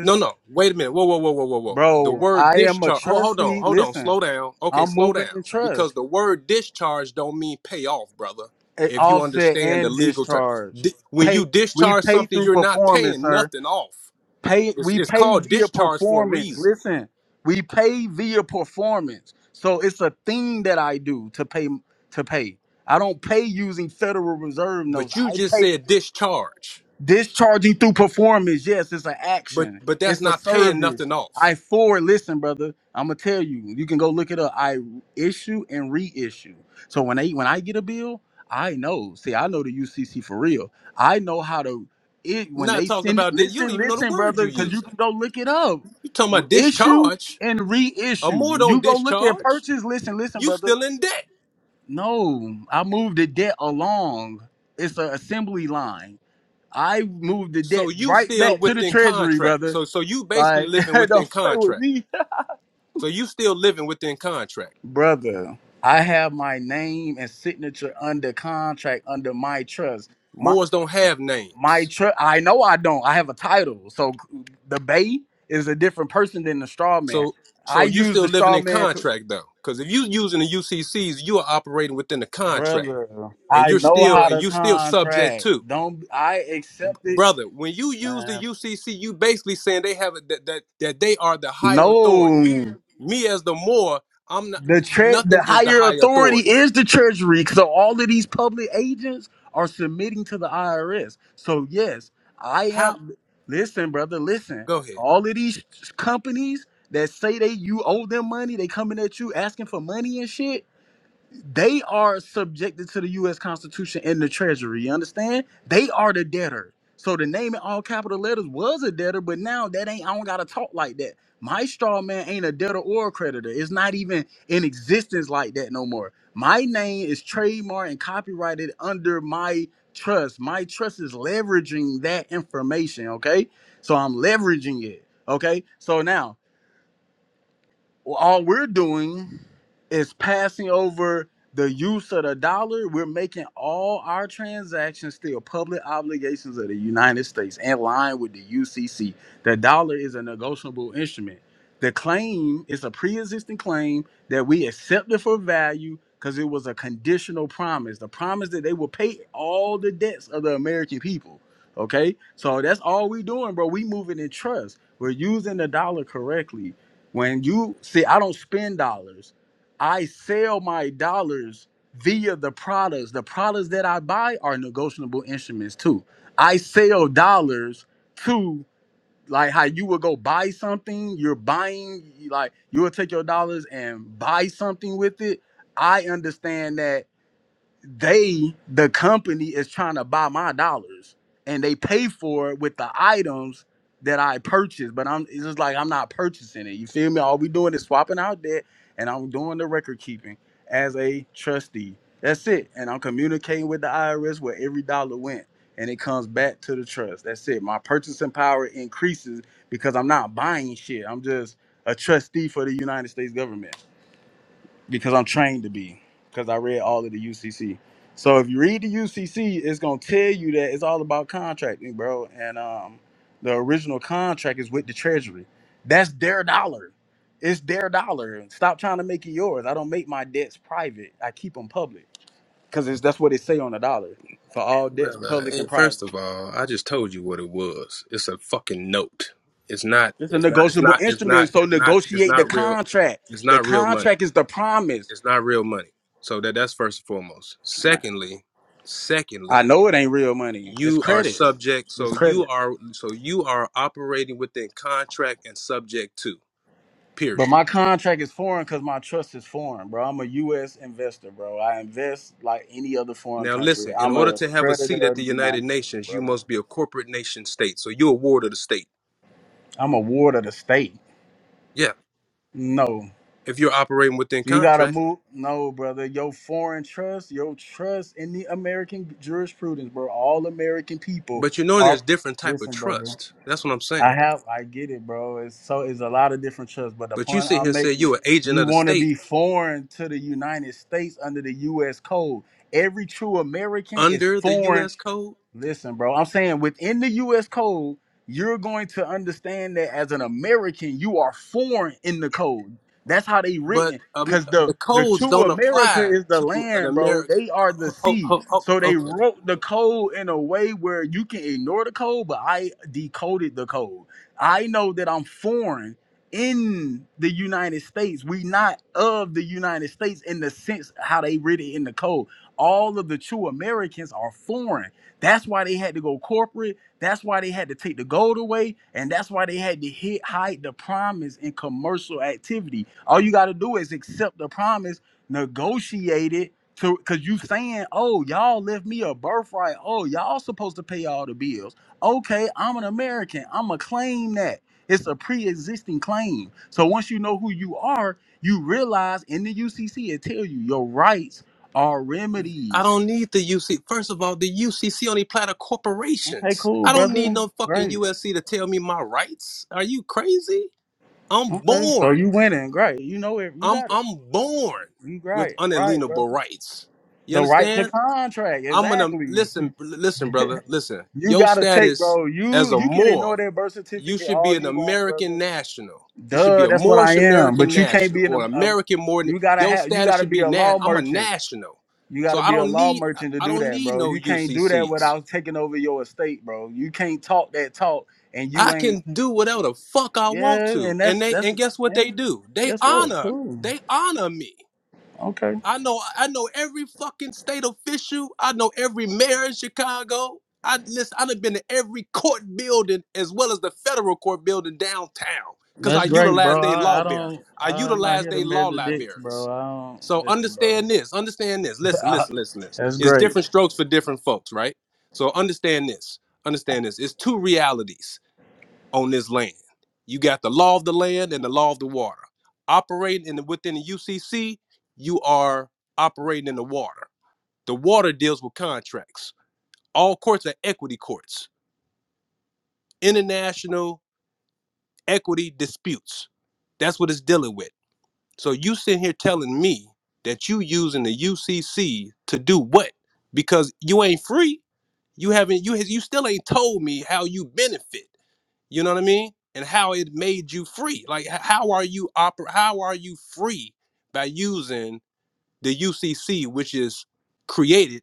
Speaker 6: No, no. Wait a minute. Whoa, whoa, whoa, whoa, whoa, whoa. The
Speaker 4: bro.
Speaker 6: word
Speaker 4: I am a
Speaker 6: discharge. Hold, hold on.
Speaker 4: trustee.
Speaker 6: Hold on.
Speaker 4: Listen,
Speaker 6: Slow down. Okay,
Speaker 4: I'm
Speaker 6: slow down.
Speaker 4: moving in
Speaker 6: Because
Speaker 4: trust.
Speaker 6: the word discharge don't mean pay off, brother.
Speaker 4: It
Speaker 6: If you
Speaker 4: offset
Speaker 6: understand the
Speaker 4: and
Speaker 6: legal term,
Speaker 4: discharge.
Speaker 6: Di- when you
Speaker 4: Pay. We
Speaker 6: discharge
Speaker 4: pay
Speaker 6: something,
Speaker 4: through
Speaker 6: you're not
Speaker 4: performance,
Speaker 6: paying
Speaker 4: sir.
Speaker 6: nothing off.
Speaker 4: pay
Speaker 6: It's
Speaker 4: we
Speaker 6: it's
Speaker 4: pay
Speaker 6: called
Speaker 4: via
Speaker 6: discharge for a
Speaker 4: performance
Speaker 6: reason.
Speaker 4: listen we pay via performance so it's a thing that i do to pay to pay i don't pay using federal reserve notes
Speaker 6: But you
Speaker 4: i
Speaker 6: just
Speaker 4: pay
Speaker 6: said discharge.
Speaker 4: Discharging through performance, yes, it's an
Speaker 6: But
Speaker 4: action.
Speaker 6: but that's
Speaker 4: It's a
Speaker 6: not paying
Speaker 4: service.
Speaker 6: nothing off.
Speaker 4: I forward, listen, brother. I'm gonna tell you. You can go look it up. I issue and reissue. So when they when I get a bill, I know. See, I know the UCC for real. I know how to. It when
Speaker 6: Not
Speaker 4: they
Speaker 6: talking
Speaker 4: send.
Speaker 6: about this. You don't
Speaker 4: Listen,
Speaker 6: even know the
Speaker 4: listen,
Speaker 6: word
Speaker 4: brother,
Speaker 6: you're
Speaker 4: because you
Speaker 6: using.
Speaker 4: can go look it up.
Speaker 6: You talking about
Speaker 4: Issue
Speaker 6: discharge?
Speaker 4: and
Speaker 6: A
Speaker 4: reissue.
Speaker 6: more
Speaker 4: When you
Speaker 6: don't
Speaker 4: go look at
Speaker 6: discharge.
Speaker 4: purchase, listen, listen,
Speaker 6: You
Speaker 4: brother.
Speaker 6: still in debt.
Speaker 4: No, I moved the debt along. It's an assembly line. I moved the
Speaker 6: So
Speaker 4: debt
Speaker 6: you
Speaker 4: right
Speaker 6: still
Speaker 4: back to the
Speaker 6: within
Speaker 4: treasury,
Speaker 6: contract.
Speaker 4: brother.
Speaker 6: So so you basically
Speaker 4: Like,
Speaker 6: living within
Speaker 4: don't play with
Speaker 6: contract.
Speaker 4: me,
Speaker 6: So you still living within contract.
Speaker 4: brother. I have my name and signature under contract under my trust. My
Speaker 6: Moors don't have
Speaker 4: my
Speaker 6: names.
Speaker 4: trust. I know I don't. I have a title. So the Bay is a different person than the straw man.
Speaker 6: So
Speaker 4: I
Speaker 6: so you
Speaker 4: use
Speaker 6: still
Speaker 4: the
Speaker 6: living
Speaker 4: straw
Speaker 6: in
Speaker 4: man, co-
Speaker 6: contract though. Because if you using the UCCs, you are operating within the contract.
Speaker 4: brother.
Speaker 6: And
Speaker 4: I
Speaker 6: you're
Speaker 4: know
Speaker 6: still
Speaker 4: how
Speaker 6: and
Speaker 4: to
Speaker 6: you still subject
Speaker 4: contract.
Speaker 6: to.
Speaker 4: Don't I accept it,
Speaker 6: Brother, when you use the
Speaker 4: man?
Speaker 6: UCC, you basically saying they have a, that, that that they are the higher authority.
Speaker 4: No.
Speaker 6: Me as the Moor, I'm not
Speaker 4: The tre-
Speaker 6: nothing
Speaker 4: the
Speaker 6: is the
Speaker 4: higher
Speaker 6: higher
Speaker 4: authority
Speaker 6: authority.
Speaker 4: is the Treasury. So all of these public agents are submitting to the IRS. So yes, I
Speaker 6: How
Speaker 4: am. Listen, brother. Listen.
Speaker 6: go ahead.
Speaker 4: All of these companies that say they you owe them money, they coming at you asking for money and shit. They are subjected to the U.S. Constitution and the Treasury. You understand? They are the debtor. So the name in all capital letters was a debtor, but now that ain't. I don't gotta talk like that. My straw man ain't a debtor or a creditor. It's not even in existence like that no more. My name is trademarked and copyrighted under my trust. My trust is leveraging that information. Okay, so I'm leveraging it. Okay, so now. Well, all we're doing is passing over the use of the dollar. We're making all our transactions still public obligations of the United States in line with the UCC. The dollar is a negotiable instrument. The claim is a pre existing claim that we accepted for value because it was a conditional promise, the promise that they will pay all the debts of the American people. Okay, so that's all we doing, bro. We moving in trust. We're using the dollar correctly when you see, I don't spend dollars, I sell my dollars via the products. The products that I buy are negotiable instruments too. I sell dollars to like how you would go buy something, you're buying like you will take your dollars and buy something with it. I understand that they the company is trying to buy my dollars and they pay for it with the items that I purchased, but I'm it's just like I'm not purchasing it. You feel me? All we doing is swapping out debt and I'm doing the record keeping as a trustee. That's it. And I'm communicating with the IRS where every dollar went and it comes back to the trust. That's it. My purchasing power increases because I'm not buying shit. I'm just a trustee for the United States government because I'm trained to be because I read all of the UCC. So if you read the UCC, it's gonna tell you that it's all about contracting, bro. And um, the original contract is with the Treasury. That's their dollar. It's their dollar. Stop trying to make it yours. I don't make my debts private. I keep them public because that's what they say on the dollar for all debts,
Speaker 6: Brother,
Speaker 4: public
Speaker 6: eh,
Speaker 4: and
Speaker 6: first
Speaker 4: private.
Speaker 6: of all, I just told you what it was. It's a fucking note. It's not.
Speaker 4: It's a
Speaker 6: It's not. It's
Speaker 4: negotiable
Speaker 6: not. It's not.
Speaker 4: instrument, so
Speaker 6: It's not. It's
Speaker 4: negotiate the
Speaker 6: not real.
Speaker 4: contract.
Speaker 6: It's
Speaker 4: The
Speaker 6: not real money.
Speaker 4: contract is the promise.
Speaker 6: It's not real money. So that that's first and foremost.
Speaker 4: Man,
Speaker 6: Secondly,
Speaker 4: I
Speaker 6: secondly,
Speaker 4: know it ain't real money. It's
Speaker 6: you are
Speaker 4: credit.
Speaker 6: subject.
Speaker 4: It's
Speaker 6: So
Speaker 4: credit.
Speaker 6: you are. So you are operating within contract and subject to.
Speaker 4: But
Speaker 6: Period.
Speaker 4: my contract is foreign because my trust is foreign, bro. I'm a U.S. investor, bro. I invest like any other foreign
Speaker 6: Now
Speaker 4: country.
Speaker 6: listen. In
Speaker 4: I'm
Speaker 6: order
Speaker 4: a
Speaker 6: to have a seat
Speaker 4: creditor
Speaker 6: at the
Speaker 4: of the
Speaker 6: United
Speaker 4: United States,
Speaker 6: Nations, you
Speaker 4: brother.
Speaker 6: must be a corporate nation state. So you're a ward of the state.
Speaker 4: I'm a ward of the state.
Speaker 6: Yeah.
Speaker 4: No.
Speaker 6: If you're operating within
Speaker 4: You gotta
Speaker 6: contract.
Speaker 4: move. No, brother. Your foreign trust, your trust in the American jurisprudence, bro. All American people
Speaker 6: But you know
Speaker 4: are.
Speaker 6: there's different type of
Speaker 4: Listen, brother.
Speaker 6: trust. That's what I'm
Speaker 4: I
Speaker 6: saying.
Speaker 4: have, I get it, bro. It's so it's a lot of different trusts, but the
Speaker 6: But you
Speaker 4: point
Speaker 6: sit here
Speaker 4: I'm
Speaker 6: and say
Speaker 4: making,
Speaker 6: you're an agent
Speaker 4: you
Speaker 6: of the
Speaker 4: want to
Speaker 6: state
Speaker 4: be foreign to the United States under the U.S. code. Every true American is
Speaker 6: under the
Speaker 4: foreign
Speaker 6: U.S. code,
Speaker 4: Listen, bro, I'm saying within the US code, you're going to understand that as an American, you are foreign in the code. That's how they
Speaker 6: but
Speaker 4: written.
Speaker 6: um,
Speaker 4: Cause the
Speaker 6: the
Speaker 4: the
Speaker 6: codes
Speaker 4: true
Speaker 6: don't
Speaker 4: America
Speaker 6: apply
Speaker 4: is the
Speaker 6: to an
Speaker 4: land, bro.
Speaker 6: American.
Speaker 4: They are the
Speaker 6: ho- ho-
Speaker 4: sea.
Speaker 6: ho- ho-
Speaker 4: So they
Speaker 6: okay.
Speaker 4: wrote the code in a way where you can ignore the code, but I decoded the code. I know that I'm foreign in the United States. We not of the United States in the sense how they written in the code all of the true Americans are foreign. That's why they had to go corporate. That's why they had to take the gold away, and that's why they had to hit, hide the promise in commercial activity. All you got to do is accept the promise, negotiate it, to because you saying, "Oh, y'all left me a birthright. Oh, y'all supposed to pay all the bills." Okay, I'm an American. I'm going to claim that. It's a pre-existing claim. So once you know who you are, you realize in the UCC it tell you your rights are
Speaker 6: I
Speaker 4: remedies.
Speaker 6: don't need the UC. First of all, the UCC only apply to
Speaker 4: Okay,
Speaker 6: corporations.
Speaker 4: cool,
Speaker 6: I don't need
Speaker 4: brother.
Speaker 6: no fucking
Speaker 4: Great.
Speaker 6: USC to tell me my rights. Are you crazy? I'm
Speaker 4: Okay, so
Speaker 6: born.
Speaker 4: you winning, great. You know it. You
Speaker 6: I'm
Speaker 4: got it.
Speaker 6: I'm born
Speaker 4: You got
Speaker 6: with
Speaker 4: it, right, brother.
Speaker 6: unalienable rights. You
Speaker 4: The right to
Speaker 6: understand?
Speaker 4: contract,
Speaker 6: I'm gonna
Speaker 4: exactly.
Speaker 6: listen, listen, brother, listen.
Speaker 4: You
Speaker 6: Your
Speaker 4: gotta take,
Speaker 6: status
Speaker 4: bro. You
Speaker 6: as a
Speaker 4: you can ignore
Speaker 6: Moor,
Speaker 4: that birth
Speaker 6: you
Speaker 4: certificate
Speaker 6: should be
Speaker 4: all
Speaker 6: an
Speaker 4: you want,
Speaker 6: American
Speaker 4: brother.
Speaker 6: national. You should be
Speaker 4: Duh,
Speaker 6: a
Speaker 4: that's what
Speaker 6: Moorish
Speaker 4: I am.
Speaker 6: American
Speaker 4: But you can't
Speaker 6: national
Speaker 4: be in a.
Speaker 6: or an
Speaker 4: a-
Speaker 6: American more.
Speaker 4: you gotta
Speaker 6: Your
Speaker 4: have. You
Speaker 6: status
Speaker 4: gotta
Speaker 6: should
Speaker 4: be
Speaker 6: be
Speaker 4: a
Speaker 6: na-
Speaker 4: law
Speaker 6: I'm a
Speaker 4: merchant.
Speaker 6: national,
Speaker 4: You
Speaker 6: so
Speaker 4: gotta
Speaker 6: I
Speaker 4: be a
Speaker 6: don't
Speaker 4: law
Speaker 6: need I
Speaker 4: merchant to
Speaker 6: I
Speaker 4: do
Speaker 6: don't
Speaker 4: that,
Speaker 6: need
Speaker 4: bro.
Speaker 6: no
Speaker 4: You can't do that
Speaker 6: UCCs.
Speaker 4: without taking over your estate, bro. You can't talk that talk, and
Speaker 6: I
Speaker 4: you ain't.
Speaker 6: can do whatever the fuck I want
Speaker 4: Yeah,
Speaker 6: to,
Speaker 4: and
Speaker 6: and
Speaker 4: that's
Speaker 6: they
Speaker 4: that's.
Speaker 6: and guess what they
Speaker 4: And
Speaker 6: do? They
Speaker 4: guess what?
Speaker 6: honor
Speaker 4: Cool.
Speaker 6: they honor me.
Speaker 4: Okay.
Speaker 6: I know I know every fucking state official. I know every mayor in Chicago. I listen, i done been to every court building as well as the federal court building downtown. Cause I
Speaker 4: That's great,
Speaker 6: utilize
Speaker 4: bro.
Speaker 6: their law
Speaker 4: I, I
Speaker 6: library.
Speaker 4: don't.
Speaker 6: I
Speaker 4: I'm not
Speaker 6: utilize
Speaker 4: here to
Speaker 6: their law
Speaker 4: measure dicks,
Speaker 6: libraries.
Speaker 4: bro. I
Speaker 6: So
Speaker 4: don't listen, bro.
Speaker 6: understand this. Understand this. Listen,
Speaker 4: I-
Speaker 6: listen, listen, listen.
Speaker 4: that's
Speaker 6: It's
Speaker 4: great.
Speaker 6: different strokes for different folks, right? So understand this. Understand this. It's two realities on this land. You got the law of the land and the law of the water. Operating in the, within the UCC, you are operating in the water. The water deals with contracts. All courts are equity courts, international equity disputes. That's what it's dealing with. So you sitting here telling me that you using the UCC to do what? Because you ain't free. You haven't. You you still ain't told me how you benefit. you know what i mean and how it made you free like how are you oper- how are you free by using the ucc which is created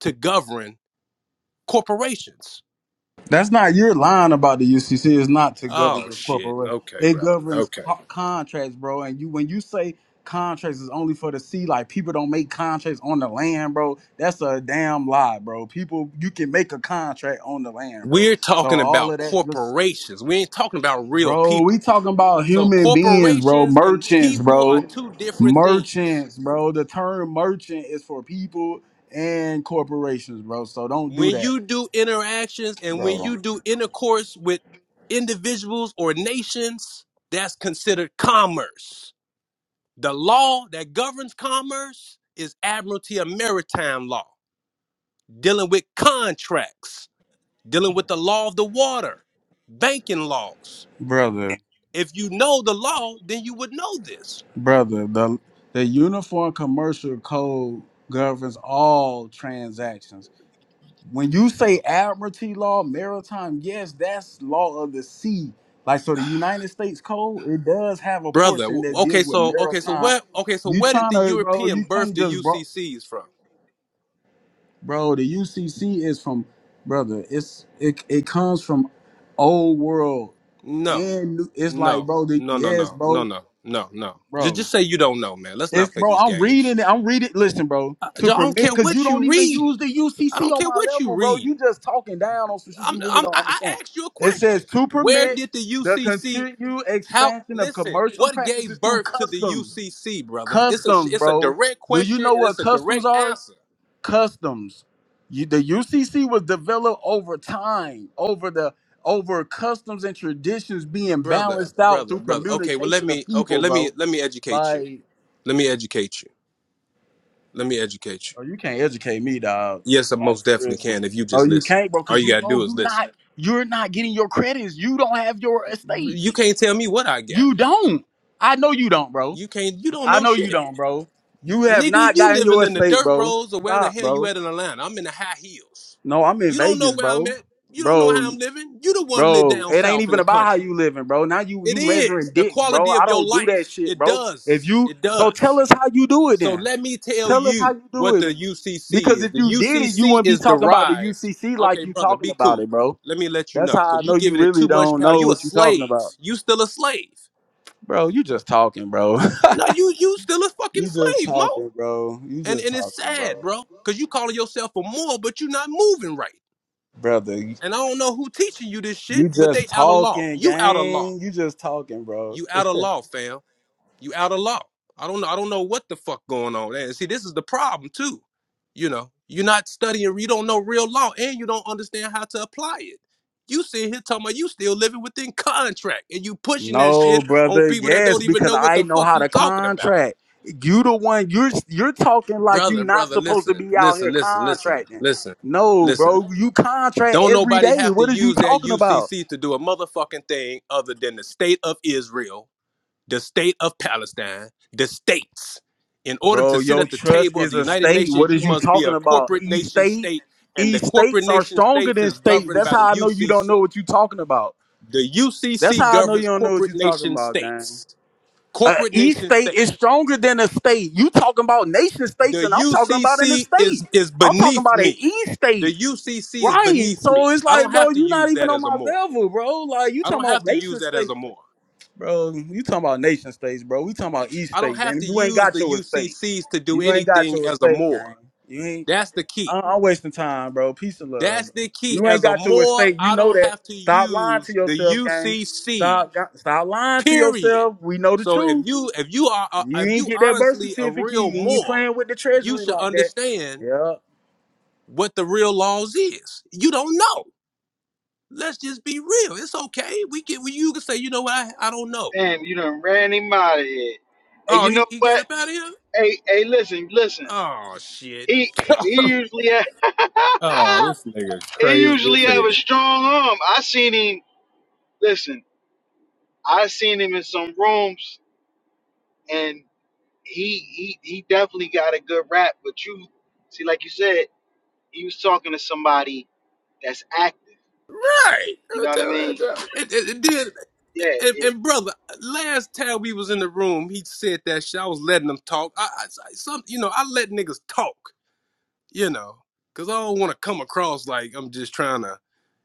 Speaker 6: to govern corporations
Speaker 4: That's not your line about the UCC. is not to govern
Speaker 6: oh
Speaker 4: this
Speaker 6: shit
Speaker 4: corporation.
Speaker 6: okay
Speaker 4: It
Speaker 6: brother
Speaker 4: governs
Speaker 6: okay
Speaker 4: co- contracts, bro. And you, when you say contracts is only for the sea, like people don't make contracts on the land, bro. That's a damn lie, bro. People, you can make a contract on the land, bro.
Speaker 6: we're
Speaker 4: So
Speaker 6: talking
Speaker 4: all
Speaker 6: about
Speaker 4: of that, just
Speaker 6: corporations we ain't talking about real
Speaker 4: Bro, we
Speaker 6: people
Speaker 4: talking about
Speaker 6: so
Speaker 4: human beings, bro.
Speaker 6: corporations and
Speaker 4: Merchants,
Speaker 6: people are
Speaker 4: bro.
Speaker 6: two different things
Speaker 4: Merchants, bro. The term merchant is for people and corporations, bro. So don't do
Speaker 6: when
Speaker 4: that,
Speaker 6: you do interactions and when
Speaker 4: bro.
Speaker 6: you do intercourse with individuals or nations, that's considered commerce. The law that governs commerce is Admiralty and Maritime Law, dealing with contracts, dealing with the law of the water, banking laws.
Speaker 4: Brother,
Speaker 6: If you know the law, then you would know this.
Speaker 4: brother, the the Uniform Commercial Code governs all transactions. When you
Speaker 6: Oh
Speaker 4: say admiralty law, maritime, yes, that's law of the sea. Like so the United States Code, it does have a
Speaker 6: Brother,
Speaker 4: portion
Speaker 6: w-
Speaker 4: that
Speaker 6: okay,
Speaker 4: deals with
Speaker 6: so okay, so
Speaker 4: maritime
Speaker 6: where okay, so
Speaker 4: you
Speaker 6: where did
Speaker 4: trying
Speaker 6: the
Speaker 4: to, bro? You
Speaker 6: European birth
Speaker 4: can't
Speaker 6: the
Speaker 4: just, bro.
Speaker 6: UCCs from?
Speaker 4: bro the ucc is from brother it's it, it comes from old world
Speaker 6: No.
Speaker 4: and new, it's like
Speaker 6: No,
Speaker 4: bro the,
Speaker 6: no, no,
Speaker 4: yes
Speaker 6: no, no,
Speaker 4: bro
Speaker 6: no, no, no. Just,
Speaker 4: bro
Speaker 6: just say you don't know, man. Let's
Speaker 4: it's
Speaker 6: not play
Speaker 4: bro
Speaker 6: these
Speaker 4: i'm
Speaker 6: games.
Speaker 4: reading it i'm reading listen bro
Speaker 6: I, I
Speaker 4: to
Speaker 6: don't care
Speaker 4: permit because you
Speaker 6: what you
Speaker 4: don't even
Speaker 6: reading.
Speaker 4: use the
Speaker 6: I
Speaker 4: ucc
Speaker 6: don't
Speaker 4: on
Speaker 6: care
Speaker 4: my
Speaker 6: what you
Speaker 4: level bro you
Speaker 6: reading.
Speaker 4: just talking down on some shit
Speaker 6: I'm,
Speaker 4: you really
Speaker 6: I'm,
Speaker 4: don't
Speaker 6: I
Speaker 4: understand
Speaker 6: I asked you a
Speaker 4: it
Speaker 6: question.
Speaker 4: says to
Speaker 6: Where
Speaker 4: permit
Speaker 6: did the
Speaker 4: the
Speaker 6: UCC?
Speaker 4: continued
Speaker 6: How?
Speaker 4: expansion of
Speaker 6: Listen,
Speaker 4: commercial
Speaker 6: what gave
Speaker 4: practices through
Speaker 6: birth to the
Speaker 4: customs
Speaker 6: UCC, brother? It's a,
Speaker 4: customs
Speaker 6: it's a
Speaker 4: bro
Speaker 6: direct
Speaker 4: do you
Speaker 6: question
Speaker 4: know
Speaker 6: and
Speaker 4: what
Speaker 6: it's a
Speaker 4: customs
Speaker 6: direct
Speaker 4: are
Speaker 6: answer,
Speaker 4: customs. You, the UCC was developed over time, over the over customs and traditions being
Speaker 6: brother,
Speaker 4: balanced out
Speaker 6: brother,
Speaker 4: through
Speaker 6: brother. Okay, well let
Speaker 4: communication
Speaker 6: me,
Speaker 4: of
Speaker 6: okay,
Speaker 4: people,
Speaker 6: let me,
Speaker 4: bro.
Speaker 6: let me educate you.
Speaker 4: Like,
Speaker 6: Let me educate you. Let me educate
Speaker 4: oh,
Speaker 6: you.
Speaker 4: you can't educate me, dog.
Speaker 6: Yes, I
Speaker 4: Like
Speaker 6: most
Speaker 4: for real.
Speaker 6: definitely can if you
Speaker 4: No,
Speaker 6: just
Speaker 4: you
Speaker 6: listen.
Speaker 4: can't, bro,
Speaker 6: All
Speaker 4: because you
Speaker 6: you gotta do
Speaker 4: bro,
Speaker 6: is
Speaker 4: you
Speaker 6: listen.
Speaker 4: not you're not getting your credits. You don't have your estate.
Speaker 6: You can't tell me what I got.
Speaker 4: You don't. I know you don't, bro.
Speaker 6: You can't. You don't
Speaker 4: I
Speaker 6: know
Speaker 4: know you
Speaker 6: shit,
Speaker 4: don't, bro. You have
Speaker 6: nigga.
Speaker 4: not
Speaker 6: You
Speaker 4: gotten
Speaker 6: living
Speaker 4: your
Speaker 6: in the
Speaker 4: estate,
Speaker 6: dirt
Speaker 4: bro.
Speaker 6: roads or where the
Speaker 4: Stop,
Speaker 6: hell you
Speaker 4: bro.
Speaker 6: at in Atlanta? I'm in the high heels.
Speaker 4: No, I'm in
Speaker 6: You don't know
Speaker 4: Vegas,
Speaker 6: where I'm
Speaker 4: bro.
Speaker 6: at. You don't know
Speaker 4: Bro,
Speaker 6: how I'm living. You the one live
Speaker 4: Bro,
Speaker 6: down
Speaker 4: it ain't
Speaker 6: south in
Speaker 4: even
Speaker 6: the
Speaker 4: about how
Speaker 6: country.
Speaker 4: you living, bro. Now you
Speaker 6: It
Speaker 4: you
Speaker 6: is
Speaker 4: measuring
Speaker 6: the
Speaker 4: dicks, bro.
Speaker 6: quality
Speaker 4: I
Speaker 6: of your
Speaker 4: don't do
Speaker 6: life.
Speaker 4: that shit,
Speaker 6: It
Speaker 4: bro. If
Speaker 6: does.
Speaker 4: you
Speaker 6: It
Speaker 4: so tell
Speaker 6: does.
Speaker 4: us how you do it
Speaker 6: So
Speaker 4: then.
Speaker 6: let me tell
Speaker 4: Tell us how
Speaker 6: you
Speaker 4: you do
Speaker 6: what
Speaker 4: it.
Speaker 6: the UCC
Speaker 4: Because
Speaker 6: is.
Speaker 4: if
Speaker 6: The
Speaker 4: you did it, you
Speaker 6: UCC
Speaker 4: wouldn't be
Speaker 6: is
Speaker 4: talking about the
Speaker 6: derived.
Speaker 4: UCC
Speaker 6: Okay,
Speaker 4: like you
Speaker 6: brother,
Speaker 4: talking
Speaker 6: be
Speaker 4: about
Speaker 6: cool.
Speaker 4: it, bro.
Speaker 6: Let me let you
Speaker 4: That's
Speaker 6: know
Speaker 4: how I
Speaker 6: because you
Speaker 4: know you
Speaker 6: giving it
Speaker 4: really
Speaker 6: too much
Speaker 4: don't
Speaker 6: power.
Speaker 4: know
Speaker 6: You a
Speaker 4: what you talking
Speaker 6: slave.
Speaker 4: about.
Speaker 6: You still a slave.
Speaker 4: Bro, you just talking, bro.
Speaker 6: No, you you still a fucking
Speaker 4: you just
Speaker 6: slave, Mo.
Speaker 4: talking, bro. You
Speaker 6: And
Speaker 4: just
Speaker 6: and it's
Speaker 4: talking,
Speaker 6: sad,
Speaker 4: bro.
Speaker 6: bro. Cause you calling yourself a Moor, but you're not moving right.
Speaker 4: Brother, you
Speaker 6: And I don't know who teaching you this shit,
Speaker 4: you
Speaker 6: but they
Speaker 4: just
Speaker 6: out of law.
Speaker 4: talking,
Speaker 6: You out of law.
Speaker 4: gang. You just talking, bro.
Speaker 6: You out of law, fam. You out of law. I don't know. I don't know what the fuck going on there. And see, this is the problem too. You know, you're not studying. You don't know real law, and you don't understand how to apply it. You sit here talking about you still living within contract, and you pushing that
Speaker 4: No,
Speaker 6: shit on
Speaker 4: brother.
Speaker 6: people that
Speaker 4: Yes,
Speaker 6: don't even
Speaker 4: because
Speaker 6: know what
Speaker 4: I
Speaker 6: the
Speaker 4: know
Speaker 6: fuck
Speaker 4: how
Speaker 6: you
Speaker 4: to
Speaker 6: talking about.
Speaker 4: contract. You the one you're you're talking like you
Speaker 6: brother,
Speaker 4: not
Speaker 6: brother,
Speaker 4: supposed to
Speaker 6: listen,
Speaker 4: be out here
Speaker 6: listen, listen, listen,
Speaker 4: contracting.
Speaker 6: listen,
Speaker 4: No,
Speaker 6: listen.
Speaker 4: bro, you contract
Speaker 6: Don't
Speaker 4: every
Speaker 6: nobody
Speaker 4: day.
Speaker 6: have to
Speaker 4: What is you
Speaker 6: use that
Speaker 4: talking about?
Speaker 6: UCC to do a motherfucking thing other than the state of Israel, the state of Palestine, the states. In order to
Speaker 4: Bro,
Speaker 6: sit
Speaker 4: your
Speaker 6: at the
Speaker 4: trust
Speaker 6: table of
Speaker 4: is
Speaker 6: the
Speaker 4: a
Speaker 6: United
Speaker 4: state. What
Speaker 6: Nations, you
Speaker 4: is you
Speaker 6: must be a
Speaker 4: talking about?
Speaker 6: corporate
Speaker 4: E
Speaker 6: nation
Speaker 4: state?
Speaker 6: state, and
Speaker 4: E
Speaker 6: the corporate
Speaker 4: states are
Speaker 6: nation
Speaker 4: stronger
Speaker 6: states
Speaker 4: than
Speaker 6: is
Speaker 4: states.
Speaker 6: governed
Speaker 4: That's
Speaker 6: by
Speaker 4: how
Speaker 6: the
Speaker 4: I know you don't
Speaker 6: UCC.
Speaker 4: know what you talking about.
Speaker 6: The
Speaker 4: That's
Speaker 6: UCC
Speaker 4: how I know you
Speaker 6: governs
Speaker 4: don't know what
Speaker 6: corporate
Speaker 4: you talking
Speaker 6: nation
Speaker 4: about, gang.
Speaker 6: states.
Speaker 4: Uh,
Speaker 6: Corporate
Speaker 4: each
Speaker 6: nation
Speaker 4: state
Speaker 6: states.
Speaker 4: is stronger than a state. You talking about nation states,
Speaker 6: The
Speaker 4: and I'm talking about in the
Speaker 6: UCC is
Speaker 4: state.
Speaker 6: is
Speaker 4: I'm talking
Speaker 6: beneath
Speaker 4: about an
Speaker 6: me.
Speaker 4: east
Speaker 6: The
Speaker 4: state,
Speaker 6: UCC is
Speaker 4: right?
Speaker 6: beneath
Speaker 4: So
Speaker 6: me.
Speaker 4: it's
Speaker 6: I don't
Speaker 4: like,
Speaker 6: have
Speaker 4: bro,
Speaker 6: to
Speaker 4: you not
Speaker 6: use
Speaker 4: even
Speaker 6: that
Speaker 4: on
Speaker 6: as a
Speaker 4: my
Speaker 6: more.
Speaker 4: level, bro. Like you
Speaker 6: I don't
Speaker 4: talking
Speaker 6: have
Speaker 4: about
Speaker 6: to use
Speaker 4: nation
Speaker 6: that as
Speaker 4: states,
Speaker 6: a more.
Speaker 4: bro. You talking about nation states, bro. We talking about east
Speaker 6: I don't
Speaker 4: states,
Speaker 6: have to
Speaker 4: and you ain't
Speaker 6: use
Speaker 4: got
Speaker 6: the
Speaker 4: your estate.
Speaker 6: UCCs to do
Speaker 4: You ain't got
Speaker 6: anything
Speaker 4: your
Speaker 6: as a
Speaker 4: estate,
Speaker 6: more.
Speaker 4: gang. You ain't.
Speaker 6: That's the key.
Speaker 4: I- I'm wasting time, bro. Peace and love,
Speaker 6: That's
Speaker 4: bro.
Speaker 6: the key.
Speaker 4: You ain't
Speaker 6: As a
Speaker 4: got your
Speaker 6: more,
Speaker 4: estate. You
Speaker 6: I
Speaker 4: know
Speaker 6: don't
Speaker 4: that.
Speaker 6: have to
Speaker 4: Stop lying to
Speaker 6: use the
Speaker 4: yourself, gang.
Speaker 6: UCC.
Speaker 4: Stop, stop lying to
Speaker 6: Period.
Speaker 4: yourself. We know the
Speaker 6: So if
Speaker 4: truth.
Speaker 6: you if you are uh,
Speaker 4: You
Speaker 6: if
Speaker 4: ain't
Speaker 6: you
Speaker 4: get that birth
Speaker 6: honestly a
Speaker 4: certificate.
Speaker 6: real
Speaker 4: You ain't
Speaker 6: more,
Speaker 4: playing with the
Speaker 6: you
Speaker 4: treasury
Speaker 6: should
Speaker 4: like that.
Speaker 6: understand
Speaker 4: Yeah,
Speaker 6: what the real laws is. You don't know. Let's just be real. It's okay. We can. We, you can say, you know what? I, I don't know.
Speaker 1: Damn, you done ran him out of here. And
Speaker 6: Oh,
Speaker 1: you
Speaker 6: he,
Speaker 1: know
Speaker 6: he got up
Speaker 1: what?
Speaker 6: out of here.
Speaker 1: Hey, hey, listen, listen.
Speaker 6: Oh shit.
Speaker 1: He he usually have, he
Speaker 6: It's
Speaker 1: usually
Speaker 6: just
Speaker 1: have a
Speaker 6: here.
Speaker 1: strong arm. I seen him listen, I seen him in some rooms, and he he he definitely got a good rap. But you see, like you said, he was talking to somebody that's active.
Speaker 6: Right.
Speaker 1: You know
Speaker 6: I'm
Speaker 1: what I
Speaker 6: telling you, I'm
Speaker 1: mean?
Speaker 6: telling you. And, and, and then,
Speaker 1: Yeah,
Speaker 6: and,
Speaker 1: it,
Speaker 6: and brother, last time we was in the room, he said that shit. I was letting him talk. I, I I- some, you know, I let niggas talk. You know, cause I don't want to come across like I'm just trying to.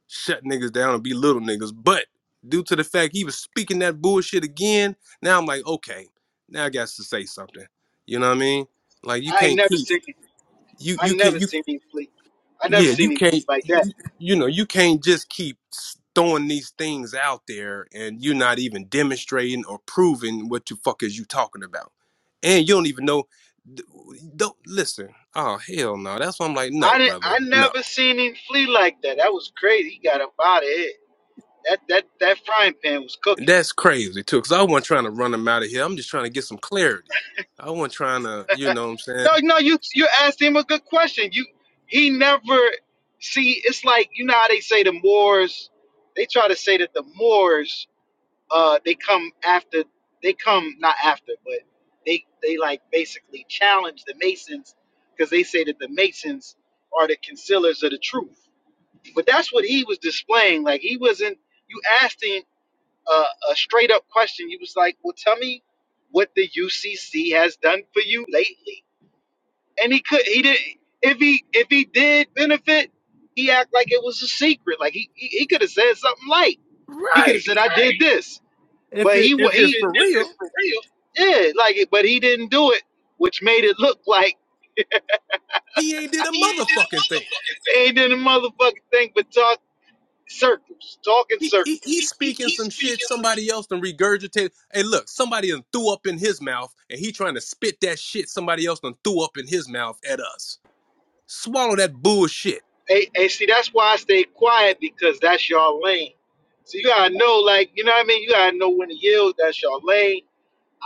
Speaker 6: shut niggas down and be little niggas. But due to the fact he was speaking that bullshit again, now I'm like, okay, now I got to say something. You know what I mean? Like you
Speaker 1: I ain't
Speaker 6: can't
Speaker 1: never
Speaker 6: keep
Speaker 1: seen him.
Speaker 6: you
Speaker 1: I
Speaker 6: you can't
Speaker 1: never
Speaker 6: you
Speaker 1: seen him flee. I never
Speaker 6: yeah you
Speaker 1: seen him flee
Speaker 6: can't
Speaker 1: like that.
Speaker 6: you know you can't just keep s- throwing these things out there and you're not even demonstrating or proving what the fuck is you talking about, and you don't even know. th- Don't listen. Oh hell no! That's why I'm like,
Speaker 1: I
Speaker 6: no,
Speaker 1: didn't.
Speaker 6: brother,
Speaker 1: I
Speaker 6: no
Speaker 1: never seen him flee like that. That was crazy. He got up out of here. That that that frying pan was cooking.
Speaker 6: That's crazy too, because I wasn't trying to run them out of here. I'm just trying to get some clarity. I wasn't trying to, you know what I'm saying?
Speaker 1: No, no, you you asked him a good question. You he never see it's like you know how they say the Moors they try to say that the Moors uh they come after they come not after but they they like basically challenge the Masons because they say that the Masons are the concealers of the truth. But that's what he was displaying. Like he wasn't you asked him a, a straight up question. He was like, Well tell me what the UCC has done for you lately and he could he did if he if he did benefit he act like it was a secret like he he, he could have said something light he could have
Speaker 6: Right.
Speaker 1: said i did Right. this
Speaker 6: If
Speaker 1: but
Speaker 6: it
Speaker 1: he wa-
Speaker 6: if
Speaker 1: If, he
Speaker 6: it's
Speaker 1: it,
Speaker 6: for
Speaker 1: if
Speaker 6: real,
Speaker 1: it's for real, yeah like it. but he didn't do it which made it look like
Speaker 6: he ain't did a
Speaker 1: he ain't did
Speaker 6: motherfucking thing.
Speaker 1: a they ain't did a motherfucking thing but talk circles talking
Speaker 6: He he
Speaker 1: circles
Speaker 6: he's
Speaker 1: he, he,
Speaker 6: speaking
Speaker 1: he's
Speaker 6: some shit
Speaker 1: speaking some
Speaker 6: somebody else done regurgitated. Hey, look, somebody done threw up in his mouth, and he trying to spit that shit somebody else done threw up in his mouth at us. Swallow that bullshit.
Speaker 1: hey, hey see that's why i stay quiet because that's your lane so you gotta know like you know what i mean you gotta know when to yield that's your lane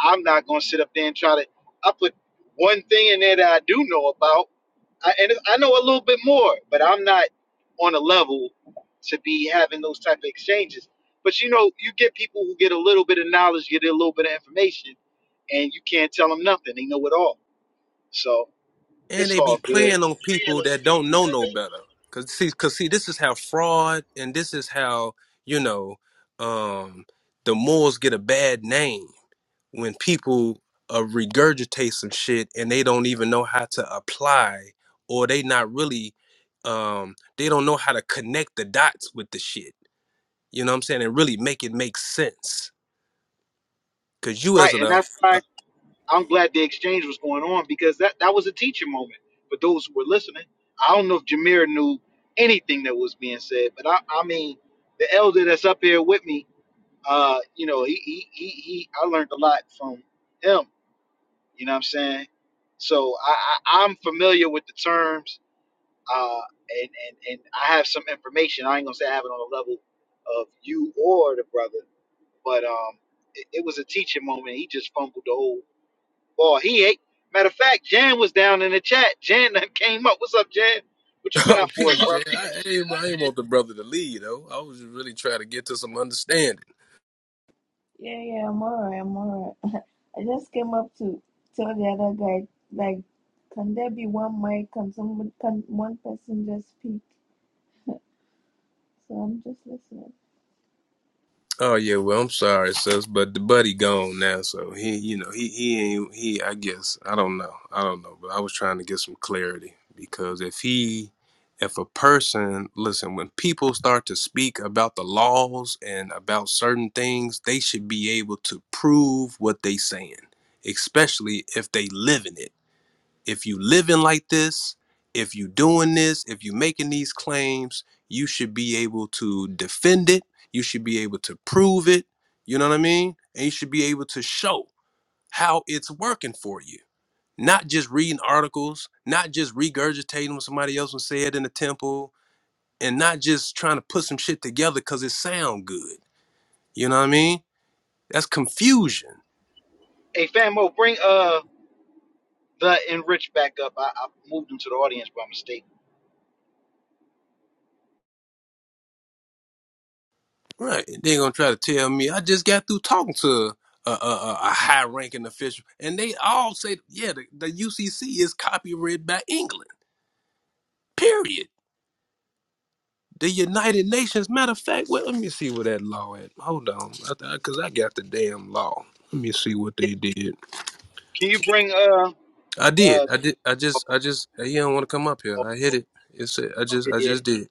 Speaker 1: I'm not gonna sit up there and try to. I put one thing in there that I do know about, I, and I know a little bit more, but I'm not on a level to be having those type of exchanges. But you know, you get people who get a little bit of knowledge, get a little bit of information, and you can't tell them nothing. They know it all, so
Speaker 6: and
Speaker 1: it's
Speaker 6: they
Speaker 1: all
Speaker 6: be
Speaker 1: good.
Speaker 6: playing on people that don't know no better. Cause see, cause see, this is how fraud and this is how you know um, the morals get a bad name when people uh, regurgitate some shit and they don't even know how to apply or they not really um, they don't know how to connect the dots with the shit. You know what I'm saying? And really make it make sense. Cause you
Speaker 1: Right,
Speaker 6: as an
Speaker 1: and
Speaker 6: uh,
Speaker 1: that's why
Speaker 6: uh,
Speaker 1: I'm glad the exchange was going on because that, that was a teaching moment for those who were listening. I don't know if Jameer knew anything that was being said, but I, I mean, the elder that's up here with me, uh, you know, he, he, he, he, I learned a lot from him, you know what I'm saying? So I, I, I'm familiar with the terms, uh, and, and, and I have some information. I ain't gonna say I have it on the level of you or the brother, but, um, it, it was a teaching moment. He just fumbled the whole Boy, he ate. Matter of fact, Jan was down in the chat. Jan done came up. What's up, Jan? What you
Speaker 6: oh,
Speaker 1: got for us,
Speaker 6: peace,
Speaker 1: bro?
Speaker 6: Jay. I, I ain't I ain't want the brother to lead though. I was just really trying to get to some understanding.
Speaker 7: Yeah, yeah, I'm alright, I'm alright. I just came up to tell the other guy, like, can there be one mic? Can someone, can one person just speak? So I'm just listening.
Speaker 6: Oh yeah, well I'm sorry, sis, but the buddy gone now, so he, you know, he he ain't he. I guess I don't know, I don't know, but I was trying to get some clarity because if he, if a person, listen, when people start to speak about the laws and about certain things, they should be able to prove what they saying, especially if they live in it if you living like this, if you doing this, if you making these claims, you should be able to defend it. You should be able to prove it. You know what I mean? And you should be able to show how it's working for you. Not just reading articles, not just regurgitating what somebody else was said in the temple, and not just trying to put some shit together because it sound good. You know what I mean? That's confusion
Speaker 1: Hey, Famo, bring uh the Enrich back up. I, I moved him to the audience by mistake.
Speaker 6: Right. They're gonna try to tell me I just got through talking to a, a, a high ranking official, and they all say, yeah, the, the UCC is copyrighted by England. Period. The United Nations. Matter of fact, well, let me see where that law at. Hold on, because I, got the damn law. Let me see what they did.
Speaker 1: Can you bring uh uh?
Speaker 6: I did. I did. I
Speaker 1: oh, oh,
Speaker 6: just. I just. You don't want to come up here.
Speaker 1: oh,
Speaker 6: I hit it. It's. I just.
Speaker 1: okay,
Speaker 6: I
Speaker 1: yeah,
Speaker 6: just did.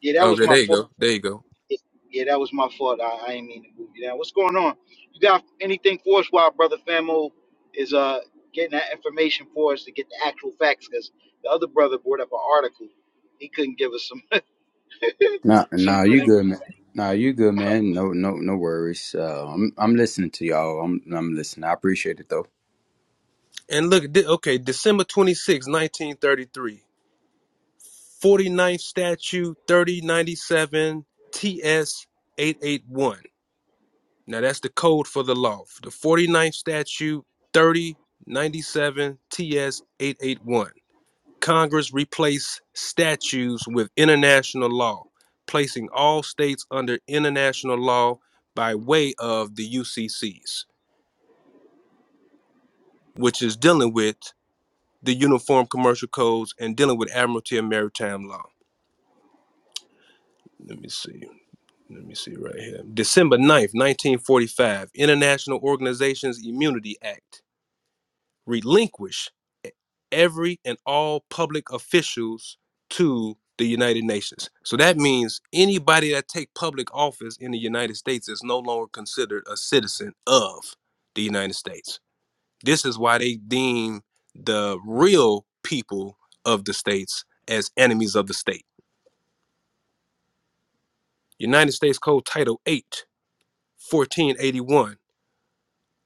Speaker 1: yeah, that was
Speaker 6: Okay. There
Speaker 1: my
Speaker 6: you
Speaker 1: fault.
Speaker 6: go. There you go.
Speaker 1: Yeah, yeah, that was my fault. I, I didn't mean to move you down. What's going on? You got anything for us while brother Famo is uh getting that information for us to get the actual facts? Because the other brother brought up an article. He couldn't give us some
Speaker 8: Nah,
Speaker 1: some
Speaker 8: nah,
Speaker 1: good
Speaker 8: you
Speaker 1: information.
Speaker 8: good, man. Nah, you good, man. No, no, no worries. Uh, I'm, I'm listening to y'all. I'm, I'm listening. I appreciate it though.
Speaker 6: And look. di- Okay. December 26, 1933. 49th statute 3097 TS 881. Now that's the code for the law. The 49th statute 3097 TS 881. Congress replaced statutes with international law, placing all states under international law by way of the UCCs, which is dealing with the Uniform Commercial Codes and dealing with Admiralty and Maritime Law. Let me see. Let me see right here. December ninth, 1945, International Organizations Immunity Act relinquish every and all public officials to the United Nations. So that means anybody that take public office in the United States is no longer considered a citizen of the United States. This is why they deem the real people of the states as enemies of the state. United States Code Title 8, 1481.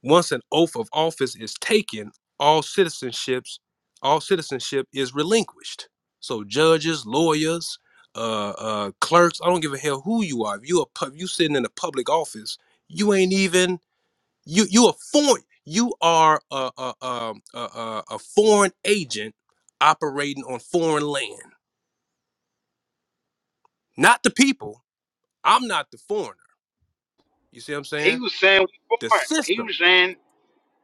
Speaker 6: Once an oath of office is taken, all citizenships, all citizenship is relinquished. So judges, lawyers, uh, uh, clerks, I don't give a hell who you are. If you are pub, you sitting in a public office, you ain't even you you a foreign you are a a, um, a, a, a foreign agent operating on foreign land. Not the people. I'm not the foreigner. You see what I'm
Speaker 1: He
Speaker 6: saying?
Speaker 1: was saying we
Speaker 6: The
Speaker 1: foreign. He
Speaker 6: system.
Speaker 1: was saying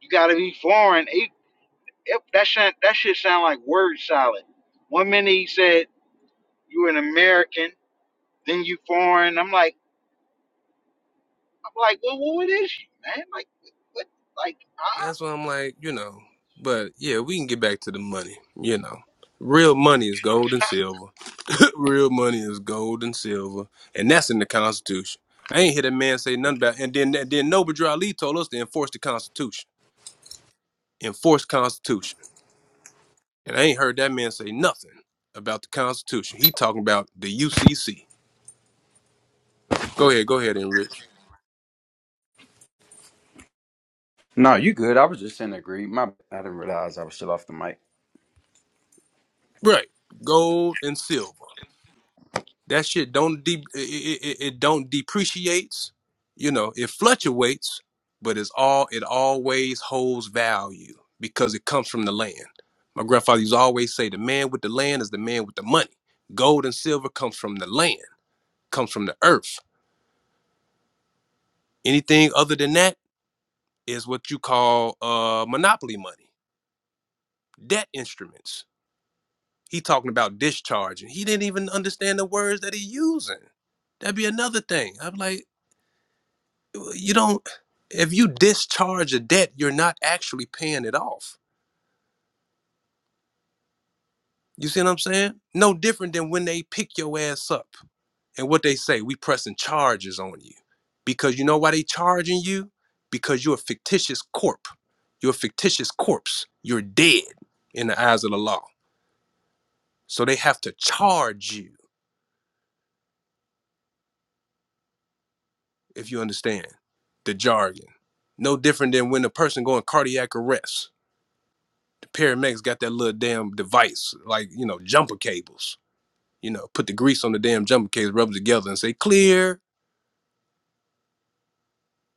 Speaker 1: you gotta be foreign. He, it, that shit, that shit sound like word salad. One minute he said you an American, then you foreign. I'm like, I'm like, well, what is you, man? Like, what, like, huh?
Speaker 6: That's why I'm like, you know. But yeah, we can get back to the money. You know, real money is gold and silver. real money is gold and silver, and that's in the Constitution. I ain't hear that man say nothing about. And then then Noble Drew Ali told us to enforce the Constitution. Enforce Constitution. And I ain't heard that man say nothing about the Constitution. He talking about the UCC. Go ahead, go ahead, Enrich.
Speaker 8: No, you good. I was just in agree. My, I didn't realize I was still off the mic.
Speaker 6: Right, gold and silver. That shit don't de- it, it, it don't depreciates. You know, it fluctuates, but it's all it always holds value because it comes from the land. My grandfather used to always say, "The man with the land is the man with the money. Gold and silver comes from the land, comes from the earth. Anything other than that is what you call uh, monopoly money, debt instruments." He talking about discharging. He didn't even understand the words that he using. That'd be another thing. I'm like, you don't if you discharge a debt you're not actually paying it off you see what i'm saying no different than when they pick your ass up and what they say we pressing charges on you because you know why they charging you because you're a fictitious corp you're a fictitious corpse you're dead in the eyes of the law so they have to charge you if you understand the jargon no different than when a person going cardiac arrest the paramedics got that little damn device like you know jumper cables You know, put the grease on the damn jumper case, rub it together, and say clear,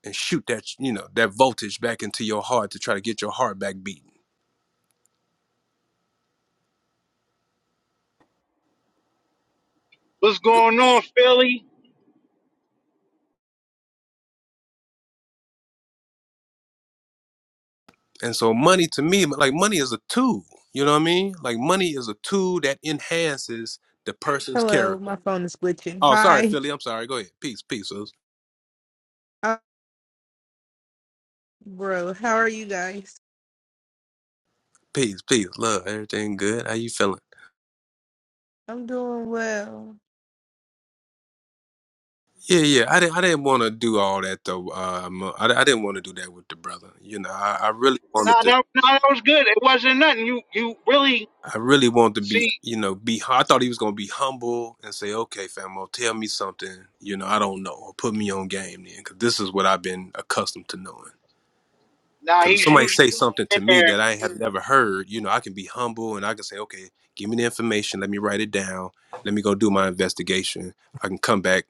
Speaker 6: and shoot that you know that voltage back into your heart to try to get your heart back beating.
Speaker 1: What's going on, Philly?
Speaker 6: And so, money to me, like money is a tool. You know what I mean? Like money is a tool that enhances the person's
Speaker 9: Hello, my
Speaker 6: character.
Speaker 9: phone is glitching.
Speaker 6: Oh, sorry,
Speaker 9: Hi,
Speaker 6: Philly. I'm sorry. Go ahead. Peace, peace, sis.
Speaker 9: Uh, bro. How are you guys?
Speaker 6: peace, peace. Love, everything good. How you feeling?
Speaker 9: I'm doing well.
Speaker 6: Yeah, yeah. I didn't. I didn't want to do all that though. Um, I, I didn't want to do that with the brother. You know, I, I really wanted
Speaker 1: Nah,
Speaker 6: to.
Speaker 1: no, no, that was good. It wasn't nothing. You, you really
Speaker 6: I really want to be,
Speaker 1: see?
Speaker 6: you know, be. hu- I thought he was gonna be humble and say, "Okay, famo, tell me something. You know, I don't know, or put me on game then, because this is what I've been accustomed to knowing.
Speaker 1: Nah,
Speaker 6: Because if
Speaker 1: he's
Speaker 6: somebody
Speaker 1: used
Speaker 6: say
Speaker 1: to
Speaker 6: something to
Speaker 1: going in
Speaker 6: me that
Speaker 1: there.
Speaker 6: I have never heard, you know, I can be humble and I can say, "Okay, give me the information. Let me write it down. Let me go do my investigation. I can come back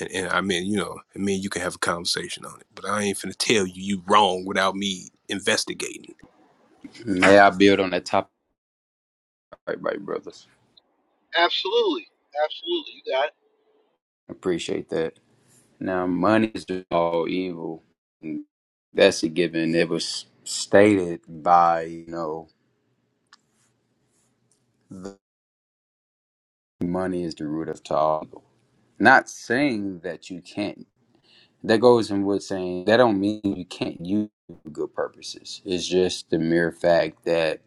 Speaker 6: and, and I mean, you know, I mean, you can have a conversation on it. But I ain't finna tell you you wrong without me investigating."
Speaker 8: May I build on that top right, right, brothers.
Speaker 1: Absolutely, absolutely. You got it.
Speaker 8: Appreciate that. Now, money is all evil. That's a given. It was stated by you know, the money is the root of all. evil. Not saying that you can't that goes in with saying that don't mean you can't use it for good purposes. It's just the mere fact that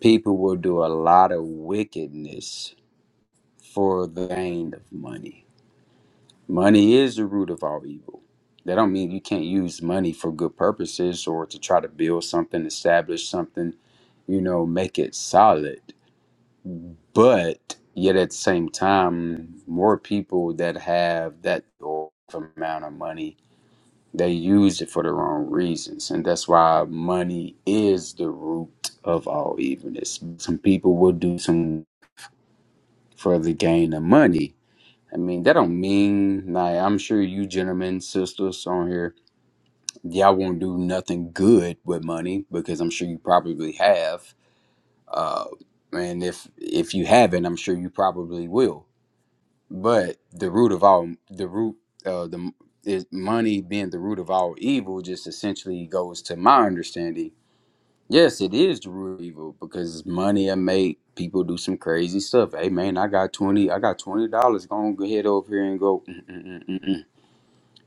Speaker 8: people will do a lot of wickedness for the gain of money. Money is the root of all evil. That don't mean you can't use money for good purposes or to try to build something, establish something, you know, make it solid. But yet at the same time, more people that have that amount of money They used it for the wrong reasons, and that's why money is the root of all evilness. Some people will do some for the gain of money. I mean, that don't mean like I'm sure you gentlemen, sisters on here, y'all won't do nothing good with money because I'm sure you probably have. Uh, and if if you haven't, I'm sure you probably will. But the root of all the root uh, the is money being the root of all evil just essentially goes to my understanding. Yes, it is the root of evil because money will make people do some crazy stuff. Hey man, I got twenty, I got twenty dollars. Gonna go ahead over here and go, "Mm, mm, mm, mm, mm."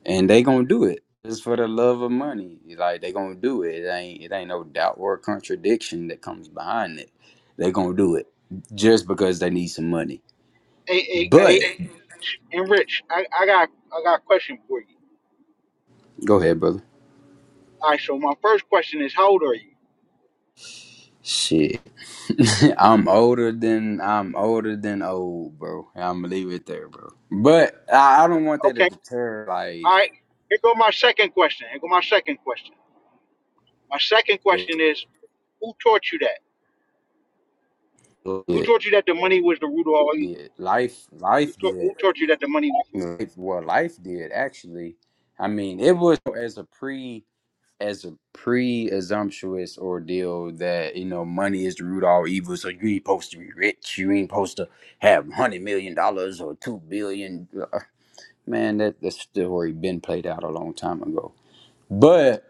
Speaker 8: and they gonna do it just for the love of money. Like they gonna do it. It ain't it ain't no doubt or contradiction that comes behind it. They gonna do it just because they need some money.
Speaker 1: Hey, hey,
Speaker 8: But
Speaker 1: hey, and Rich, I, I got, I got a question for you.
Speaker 8: go ahead, brother.
Speaker 1: All right, so my first question is, how old are you?
Speaker 8: Shit. I'm older than I'm older than old, bro. I'm gonna leave it there, bro. But I, I don't want that to
Speaker 1: Okay,
Speaker 8: deter like
Speaker 1: all right. Here go my second question. Here go my second question. My second question is, who taught you that? Who
Speaker 8: it
Speaker 1: taught you that the money was the root of all evil?
Speaker 8: did. Life
Speaker 1: Who,
Speaker 8: life
Speaker 1: taught who
Speaker 8: did.
Speaker 1: taught you that the money was? the root?
Speaker 8: Life, well life did actually. I mean it was as a pre as a pre assumptuous ordeal that, you know, money is the root of all evil, so you ain't supposed to be rich, you ain't supposed to have hundred million dollars or two billion Uh, man, that that story been played out a long time ago. But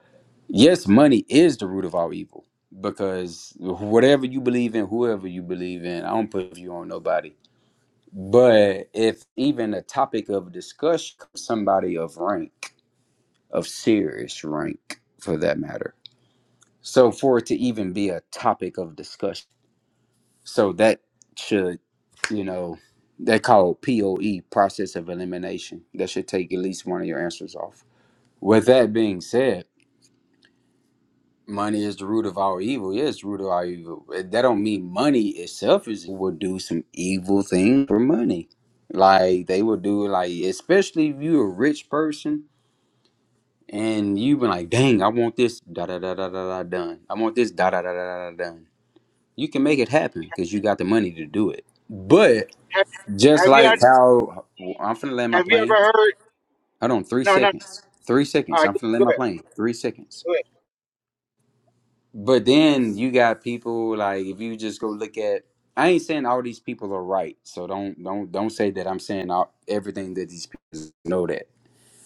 Speaker 8: yes, money is the root of all evil because whatever you believe in, whoever you believe in, I don't put you on nobody. But if even a topic of discussion, somebody of rank, of serious rank for that matter, so for it to even be a topic of discussion, so that should, you know, they call POE process of elimination. That should take at least one of your answers off. With that being said, money is the root of all evil. Yes, the root of all evil. But That don't mean money itself is will do some evil thing for money. Like they will do like especially if you a rich person and you been like, dang, I want this da da da da da da done. I want this da da da da da da done. You can make it happen because you got the money to do it. But
Speaker 1: Have
Speaker 8: just
Speaker 1: Have you
Speaker 8: like
Speaker 1: Have
Speaker 8: how I'm finna land my
Speaker 1: you
Speaker 8: plane.
Speaker 1: ever heard?
Speaker 8: Hold on, three
Speaker 1: No, no.
Speaker 8: seconds. Three
Speaker 1: All
Speaker 8: seconds.
Speaker 1: right,
Speaker 8: I'm
Speaker 1: go,
Speaker 8: finna land
Speaker 1: go
Speaker 8: my
Speaker 1: ahead.
Speaker 8: plane. Three seconds
Speaker 1: Go ahead.
Speaker 8: But then you got people like if you just go look at I ain't saying all these people are right, so don't don't don't say that I'm saying all, everything that these people know that.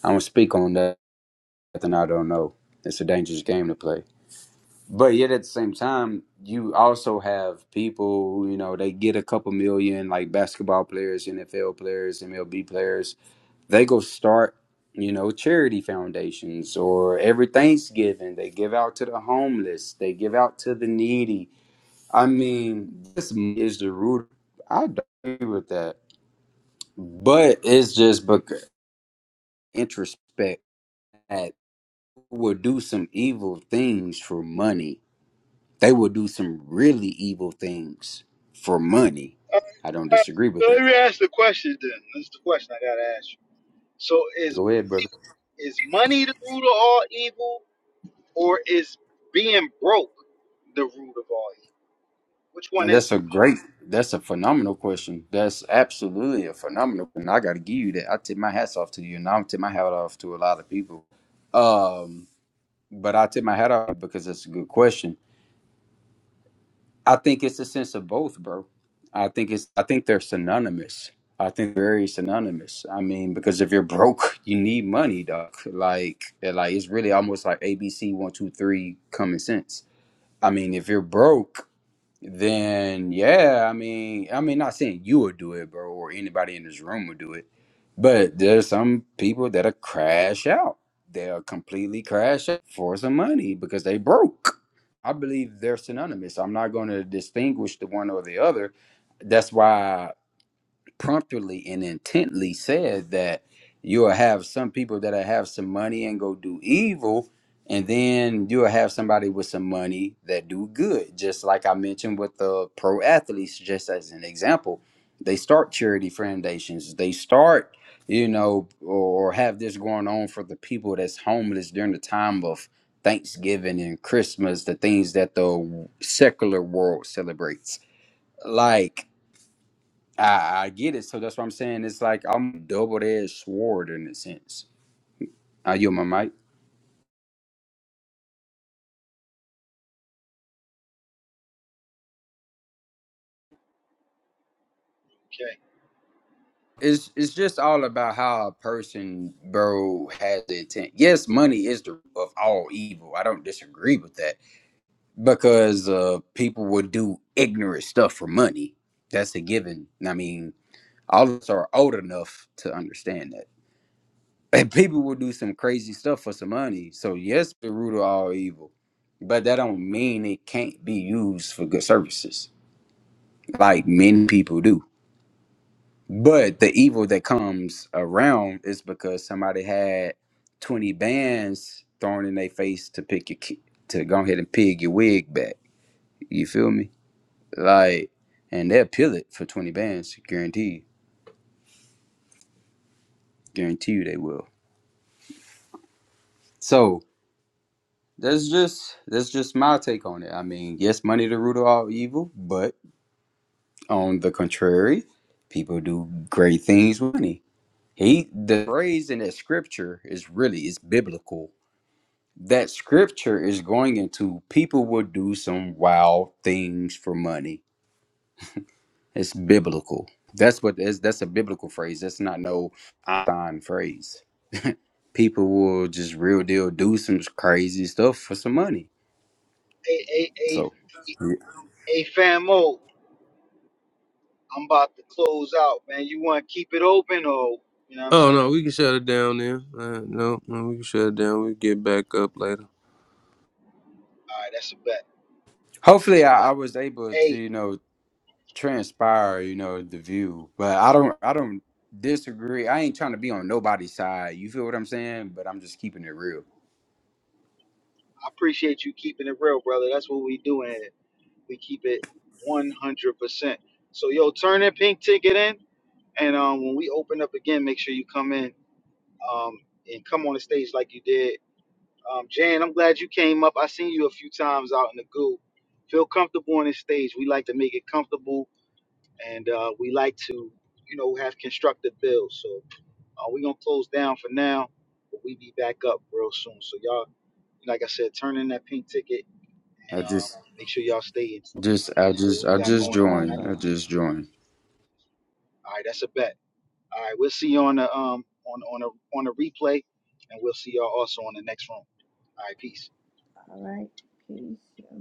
Speaker 8: I don't speak on nothing I don't know. It's a dangerous game to play. But yet at the same time, you also have people who, you know, they get a couple million like basketball players, NFL players, MLB players. They go start, you know, charity foundations or every Thanksgiving they give out to the homeless, they give out to the needy I mean, this is the root. I don't agree with that, but it's just because introspect that will do some evil things for money. They will do some really evil things for money. I don't
Speaker 1: Uh, uh,
Speaker 8: disagree with
Speaker 1: so
Speaker 8: that.
Speaker 1: let me ask the question then. This is the question I gotta ask you. So is
Speaker 8: Go ahead, brother.
Speaker 1: is money the root of all evil, or is being broke the root of all evil? Which one is
Speaker 8: That's
Speaker 1: it?
Speaker 8: a great. That's a phenomenal question. That's absolutely a phenomenal. And I got to give you that. I tip my hats off to you, and I do tip my hat off to a lot of people. Um, but I tip my hat off because that's a good question I think it's a sense of both, bro. I think it's I think they're synonymous. I think very synonymous. I mean, because if you're broke, you need money, doc. Like like it's really almost like ABC one, two, three common sense. I mean, if you're broke, then yeah, I mean, I mean, not saying you would do it, bro, or anybody in this room would do it, but there's some people that'll crash out. They'll completely crash out for some money because they broke. I believe they're synonymous. I'm not going to distinguish the one or the other. That's why promptly and intently said that you'll have some people that'll have some money and go do evil, and then you'll have somebody with some money that do good. Just like I mentioned with the pro athletes, just as an example, they start charity foundations. They start, you know, or have this going on for the people that's homeless during the time of Thanksgiving and Christmas, the things that the secular world celebrates. Like I, I get it. So that's what I'm saying. It's like I'm double-edged sword in a sense. I you my mic.
Speaker 1: Okay.
Speaker 8: It's it's just all about how a person, bro, has the intent. Yes, money is the root of all evil. I don't disagree with that because uh, people would do ignorant stuff for money. That's a given. I mean, all of us are old enough to understand that. And people will do some crazy stuff for some money. So yes, the root of all evil, but that don't mean it can't be used for good services like many people do. But the evil that comes around is because somebody had 20 bands thrown in their face to pick your ki- to go ahead and pig your wig back. You feel me? Like, and they'll peel it for 20 bands, guarantee. Guarantee you they will. So that's just that's just my take on it. I mean, yes, money the root of all evil, but on the contrary, people do great things with money He the phrase in that scripture is really it's biblical. That scripture is going into people will do some wild things for money. It's biblical. That's what that's, that's a biblical phrase. That's not no Einstein phrase. People will just real deal do some crazy stuff for some money.
Speaker 1: Hey, hey,
Speaker 8: So
Speaker 1: hey,
Speaker 8: yeah.
Speaker 1: hey, famo, I'm about to close out, man. You want to keep it open or, you know what I'm
Speaker 6: Oh
Speaker 1: saying?
Speaker 6: no, we
Speaker 1: All
Speaker 6: can shut it down then. Uh, no, no, we can shut it down. We get back up later.
Speaker 1: right, that's a bet. That's
Speaker 8: hopefully
Speaker 1: a
Speaker 8: I, I
Speaker 1: bet.
Speaker 8: was able to
Speaker 1: Hey,
Speaker 8: you know transpire, you know, the view. But I don't I don't disagree. I ain't trying to be on nobody's side. You feel what I'm saying? But I'm just keeping it real.
Speaker 1: I appreciate you keeping it real, brother. That's what we do in it. We keep it 100%. So, yo, turn that pink ticket in. And um, when we open up again, make sure you come in um, and come on the stage like you did. Um, Jan, I'm glad you came up. I seen you a few times out in the goo. Feel comfortable on this stage. We like to make it comfortable and uh, we like to, you know, have constructive builds. So uh, we're gonna close down for now, but we be back up real soon. So y'all, like I said, turn in that pink ticket and
Speaker 8: I
Speaker 1: um,
Speaker 8: just
Speaker 1: make sure y'all stay in tune
Speaker 8: just
Speaker 1: with
Speaker 8: I
Speaker 1: what
Speaker 8: just
Speaker 1: we
Speaker 8: I
Speaker 7: Sure,
Speaker 1: got
Speaker 8: just
Speaker 7: no
Speaker 1: going on.
Speaker 8: joined. I
Speaker 7: problem.
Speaker 8: just joined.
Speaker 1: All right, that's a bet. All right, we'll see you on the um on on a on a replay, and we'll see y'all also on the next room. All right, peace.
Speaker 7: Alright, peace. yeah.